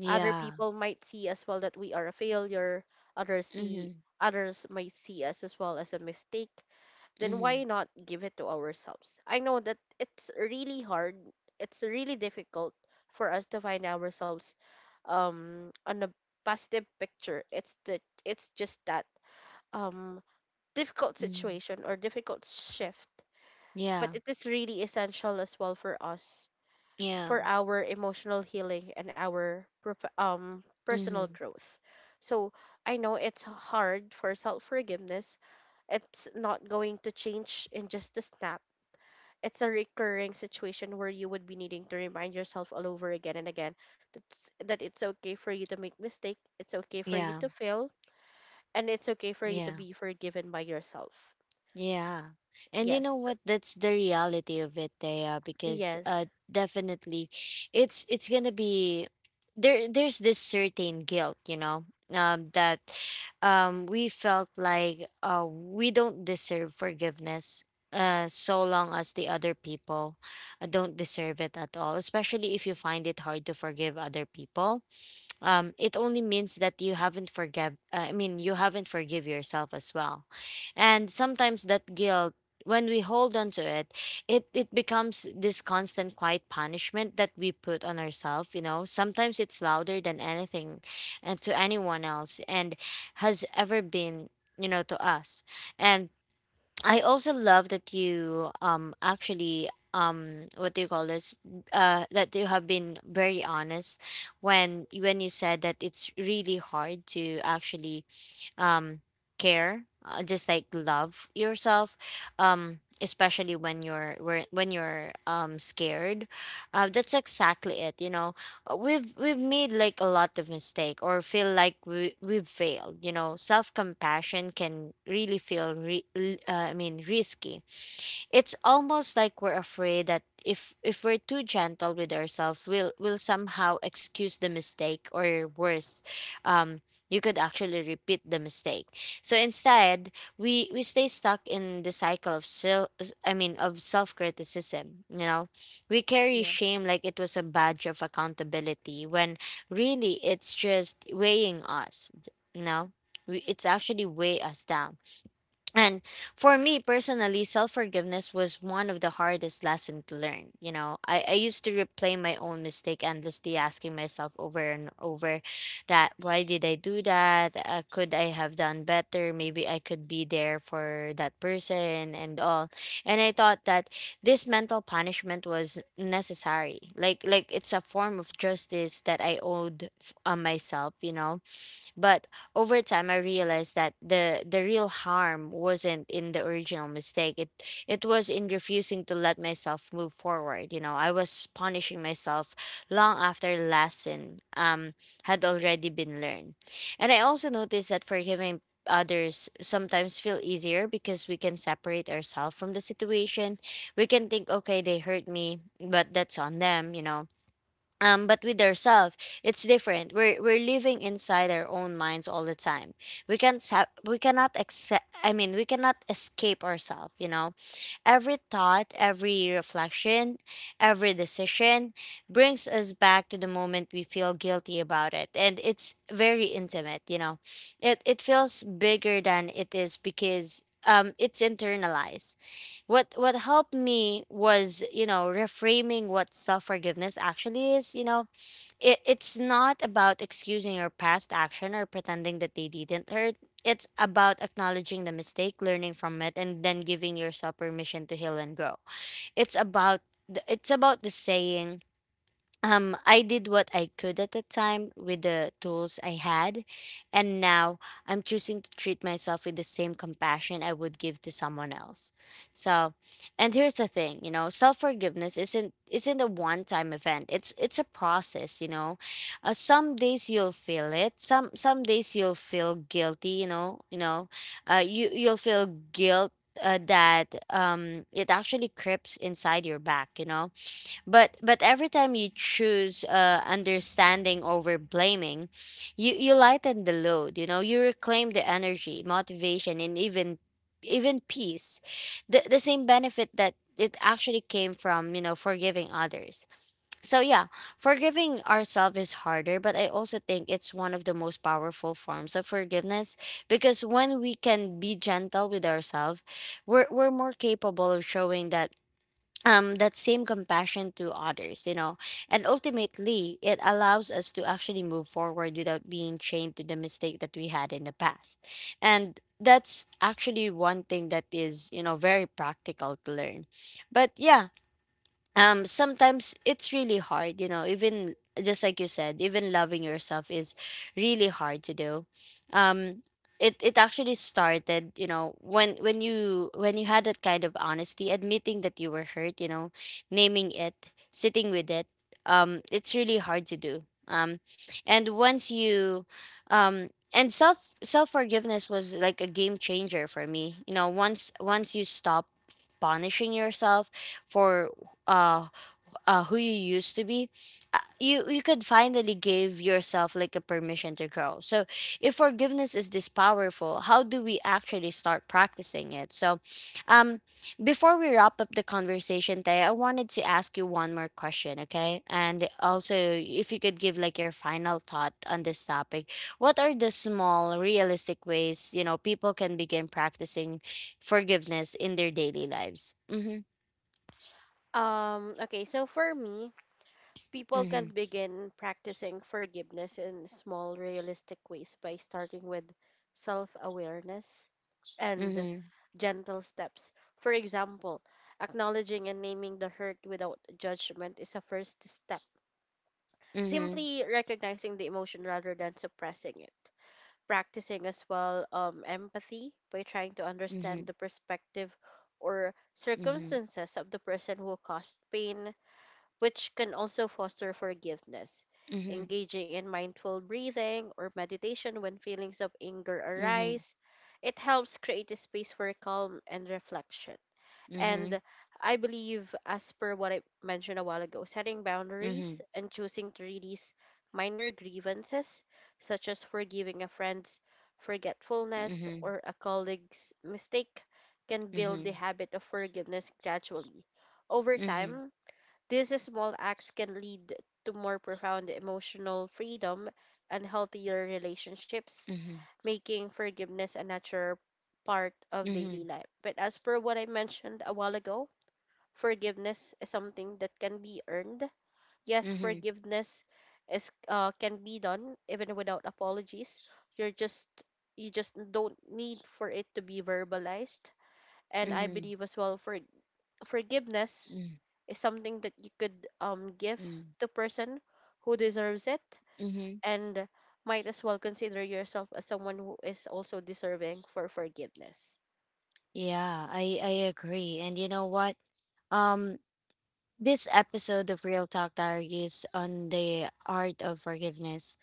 S2: Other people might see as well that we are a failure. Others see,
S1: Mhm.
S2: others might see us as well as a mistake, then why
S1: Mhm.
S2: not give it to ourselves? I know that it's really hard, it's really difficult for us to find ourselves on a positive picture. It's the, it's just that um difficult
S1: Mhm.
S2: situation or difficult shift. But
S1: Yeah.
S2: it is really essential as well for us
S1: Yeah.
S2: for our emotional healing and our personal
S1: Mhm.
S2: growth. So I know it's hard for self forgiveness, it's not going to change in just a snap, it's a recurring situation where you would be needing to remind yourself all over again and again that's, that it's okay for you to make mistake, it's okay for you
S1: Yeah.
S2: to fail, and it's okay for you to
S1: Yeah.
S2: be forgiven by yourself.
S1: Yeah. And you know
S2: yes so-
S1: what? That's the reality of it, Thea, because
S2: yes.
S1: definitely it's gonna be, there's this certain guilt, you know, that we felt like we don't deserve forgiveness so long as the other people don't deserve it at all, especially if you find it hard to forgive other people. It only means that you haven't forgive, I mean you haven't forgive yourself as well. And sometimes that guilt, when we hold on to it, it becomes this constant quiet punishment that we put on ourselves. You know, sometimes it's louder than anything and to anyone else, and has ever been, you know, to us. And I also love that you actually, what do you call this, that you have been very honest when you said that it's really hard to actually, um, care, just like love yourself, especially when when you're scared. That's exactly it. You know, we've made like a lot of mistake or feel like we've failed. You know, self compassion can really feel I mean risky. It's almost like we're afraid that if we're too gentle with ourselves, we'll somehow excuse the mistake, or worse, um, you could actually repeat the mistake. So instead, we stay stuck in the cycle of self I mean of self-criticism, you know. We carry
S2: yes
S1: shame like it was a badge of accountability, when really it's just weighing us, you know. It's actually weigh us down. And for me personally, self forgiveness was one of the hardest lessons to learn. You know, I used to replay my own mistake endlessly, asking myself over and over that why did I do that? Could I have done better? Maybe I could be there for that person and all. And I thought that this mental punishment was necessary. Like it's a form of justice that I owed on myself. You know, but over time, I realized that the real harm wasn't in the original mistake. It was in refusing to let myself move forward. You know, I was punishing myself long after the lesson had already been learned. And I also noticed that forgiving others sometimes feel easier, because we can separate ourselves from the situation. We can think, okay, they hurt me, but that's on them. You know, but with ourselves, it's different. We're living inside our own minds all the time. We can't sa- We cannot accept. I mean, we cannot escape ourselves. You know, every thought, every reflection, every decision brings us back to the moment we feel guilty about it. And it's very intimate, you know. It feels bigger than it is, because it's internalized. What helped me was, you know, reframing what self-forgiveness actually is. You know, it's not about excusing your past action or pretending that they didn't hurt. It's about acknowledging the mistake, learning from it, and then giving yourself permission to heal and grow. It's about it's about the saying, I did what I could at the time with the tools I had, and now I'm choosing to treat myself with the same compassion I would give to someone else. So, and here's the thing, you know, self forgiveness isn't a one time event. It's a process, you know. Some days you'll feel it. Some days you'll feel guilty, you know. You know, you you'll feel guilt, that it actually creeps inside your back, you know. But every time you choose understanding over blaming, you lighten the load, you know. You reclaim the energy, motivation, and even even peace, the same benefit that it actually came from, you know, forgiving others. So yeah, forgiving ourselves is harder, but I also think it's one of the most powerful forms of forgiveness. Because when we can be gentle with ourselves, we're more capable of showing that, that same compassion to others, you know, and ultimately it allows us to actually move forward without being chained to the mistake that we had in the past. And that's actually one thing that is, you know, very practical to learn. But yeah, sometimes it's really hard, you know, even just like you said, even loving yourself is really hard to do. um it it actually started, you know, when you had that kind of honesty admitting that you were hurt, you know, naming it, sitting with it. It's really hard to do. Um and once you um and self forgiveness was like a game changer for me, you know. Once you stop punishing yourself for, uh, who you used to be, you you could finally give yourself like a permission to grow. So if forgiveness is this powerful, how do we actually start practicing it? So um before we wrap up the conversation, Tay, I wanted to ask you one more question, okay? And also if you could give like your final thought on this topic, what are the small realistic ways, you know, people can begin practicing forgiveness in their daily lives? Mm-hmm.
S2: Okay, so for me, people
S1: Mm-hmm.
S2: can begin practicing forgiveness in small, realistic ways by starting with self awareness and
S1: Mm-hmm.
S2: gentle steps. For example, acknowledging and naming the hurt without judgment is a first step.
S1: Mm-hmm.
S2: Simply recognizing the emotion rather than suppressing it. Practicing as well empathy by trying to
S1: Mhm.
S2: understand the perspective or
S1: Mhm.
S2: circumstances of the person who caused pain, which can also foster forgiveness.
S1: Mhm.
S2: Engaging in mindful breathing or meditation when feelings of anger
S1: Mhm.
S2: arise, it helps create a space for calm and reflection.
S1: Mhm.
S2: And I believe, as per what I mentioned a while ago, setting
S1: Mhm.
S2: boundaries and choosing to release minor grievances, such as forgiving a friend's forgetfulness
S1: Mhm.
S2: or a colleague's mistake, can build the
S1: Mhm.
S2: habit of forgiveness gradually. Over
S1: Mhm.
S2: time, these small acts can lead to more profound emotional freedom and healthier relationships,
S1: Mhm.
S2: making forgiveness a natural part of
S1: Mhm.
S2: daily
S1: Mhm.
S2: life. But as per what I mentioned a while ago, forgiveness is something that can be earned. Yes,
S1: Mhm.
S2: forgiveness is, can be done even without apologies. You're just, you just don't need for it to be verbalized. And I
S1: Mhm.
S2: believe as well for forgiveness is something that you could give
S1: Mhm.
S2: to person who deserves it,
S1: Mhm.
S2: and might as well consider yourself as someone who is also deserving for forgiveness.
S1: Yeah, I agree. And you know what? Um, this episode of Real Talk Diaries on the art of forgiveness,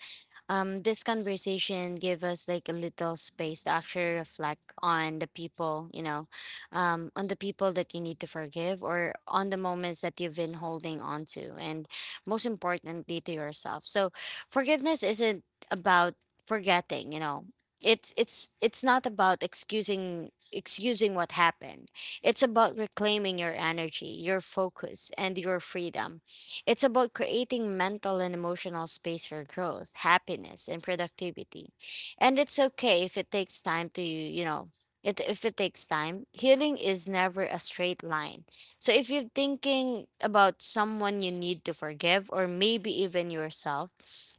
S1: this conversation give us like a little space to actually reflect on the people, you know, on the people that you need to forgive, or on the moments that you've been holding on to, and most importantly to yourself. So forgiveness isn't about forgetting, you know. It's not about excusing what happened. It's about reclaiming your energy, your focus, and your freedom. It's about creating mental and emotional space for growth, happiness, and productivity. And it's okay if it takes time to, you know, if it takes time, healing is never a straight line. So if you're thinking about someone you need to forgive, or maybe even yourself,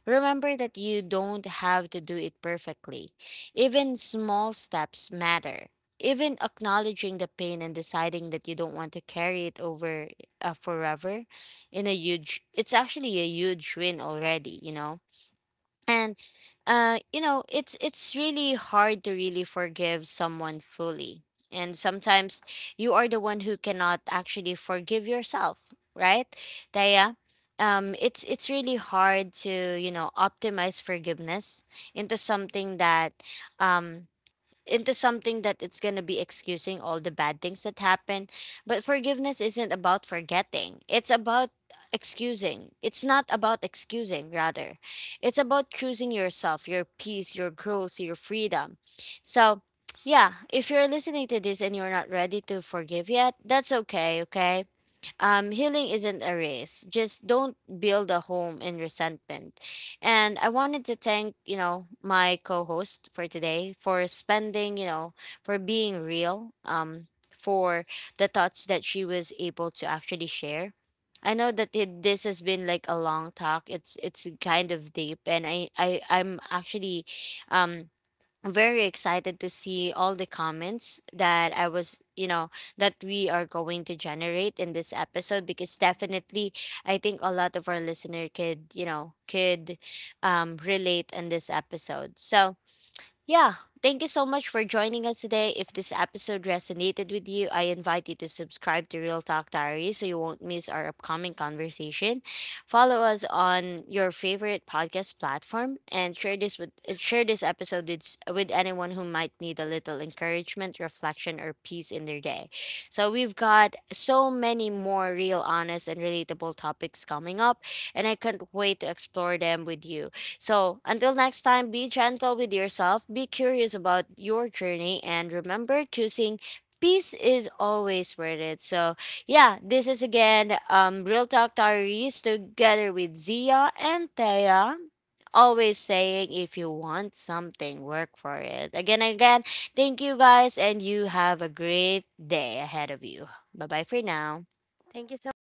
S1: remember that you don't have to do it perfectly. Even small steps matter. Even acknowledging the pain and deciding that you don't want to carry it over, forever, in a huge it's actually a huge win already, you know. And you know, it's really hard to really forgive someone fully. And sometimes you are the one who cannot actually forgive yourself, right, Daya? It's really hard to, you know, optimize forgiveness into something that, um into something that it's going to be excusing all the bad things that happen. But forgiveness isn't about forgetting, it's about excusing. It's not about excusing, rather. It's about choosing yourself, your peace, your growth, your freedom. So, yeah, if you're listening to this and you're not ready to forgive yet, that's okay, okay? Healing isn't a race. Just don't build a home in resentment. And I wanted to thank, you know, my co-host for today for spending, you know, for being real, for the thoughts that she was able to actually share. I know that this has been like a long talk. It's kind of deep, and I I'm actually, um I'm very excited to see all the comments that I was, you know, that we are going to generate in this episode, because definitely I think a lot of our listener could, you know, could relate in this episode. So, yeah, thank you so much for joining us today. If this episode resonated with you, I invite you to subscribe to Real Talk Diary so you won't miss our upcoming conversation. Follow us on your favorite podcast platform and share this with, share this episode with, s- with anyone who might need a little encouragement, reflection, or peace in their day. So we've got so many more real, honest, and relatable topics coming up, and I can't wait to explore them with you. So, until next time, be gentle with yourself, be curious about your journey, and remember, choosing peace is always worth it. So, yeah, this is again, Real Talk Diaries together with Zia and Thea. Always saying, if you want something, work for it. Again, thank you guys, and you have a great day ahead of you. Bye bye for now.
S2: Thank you so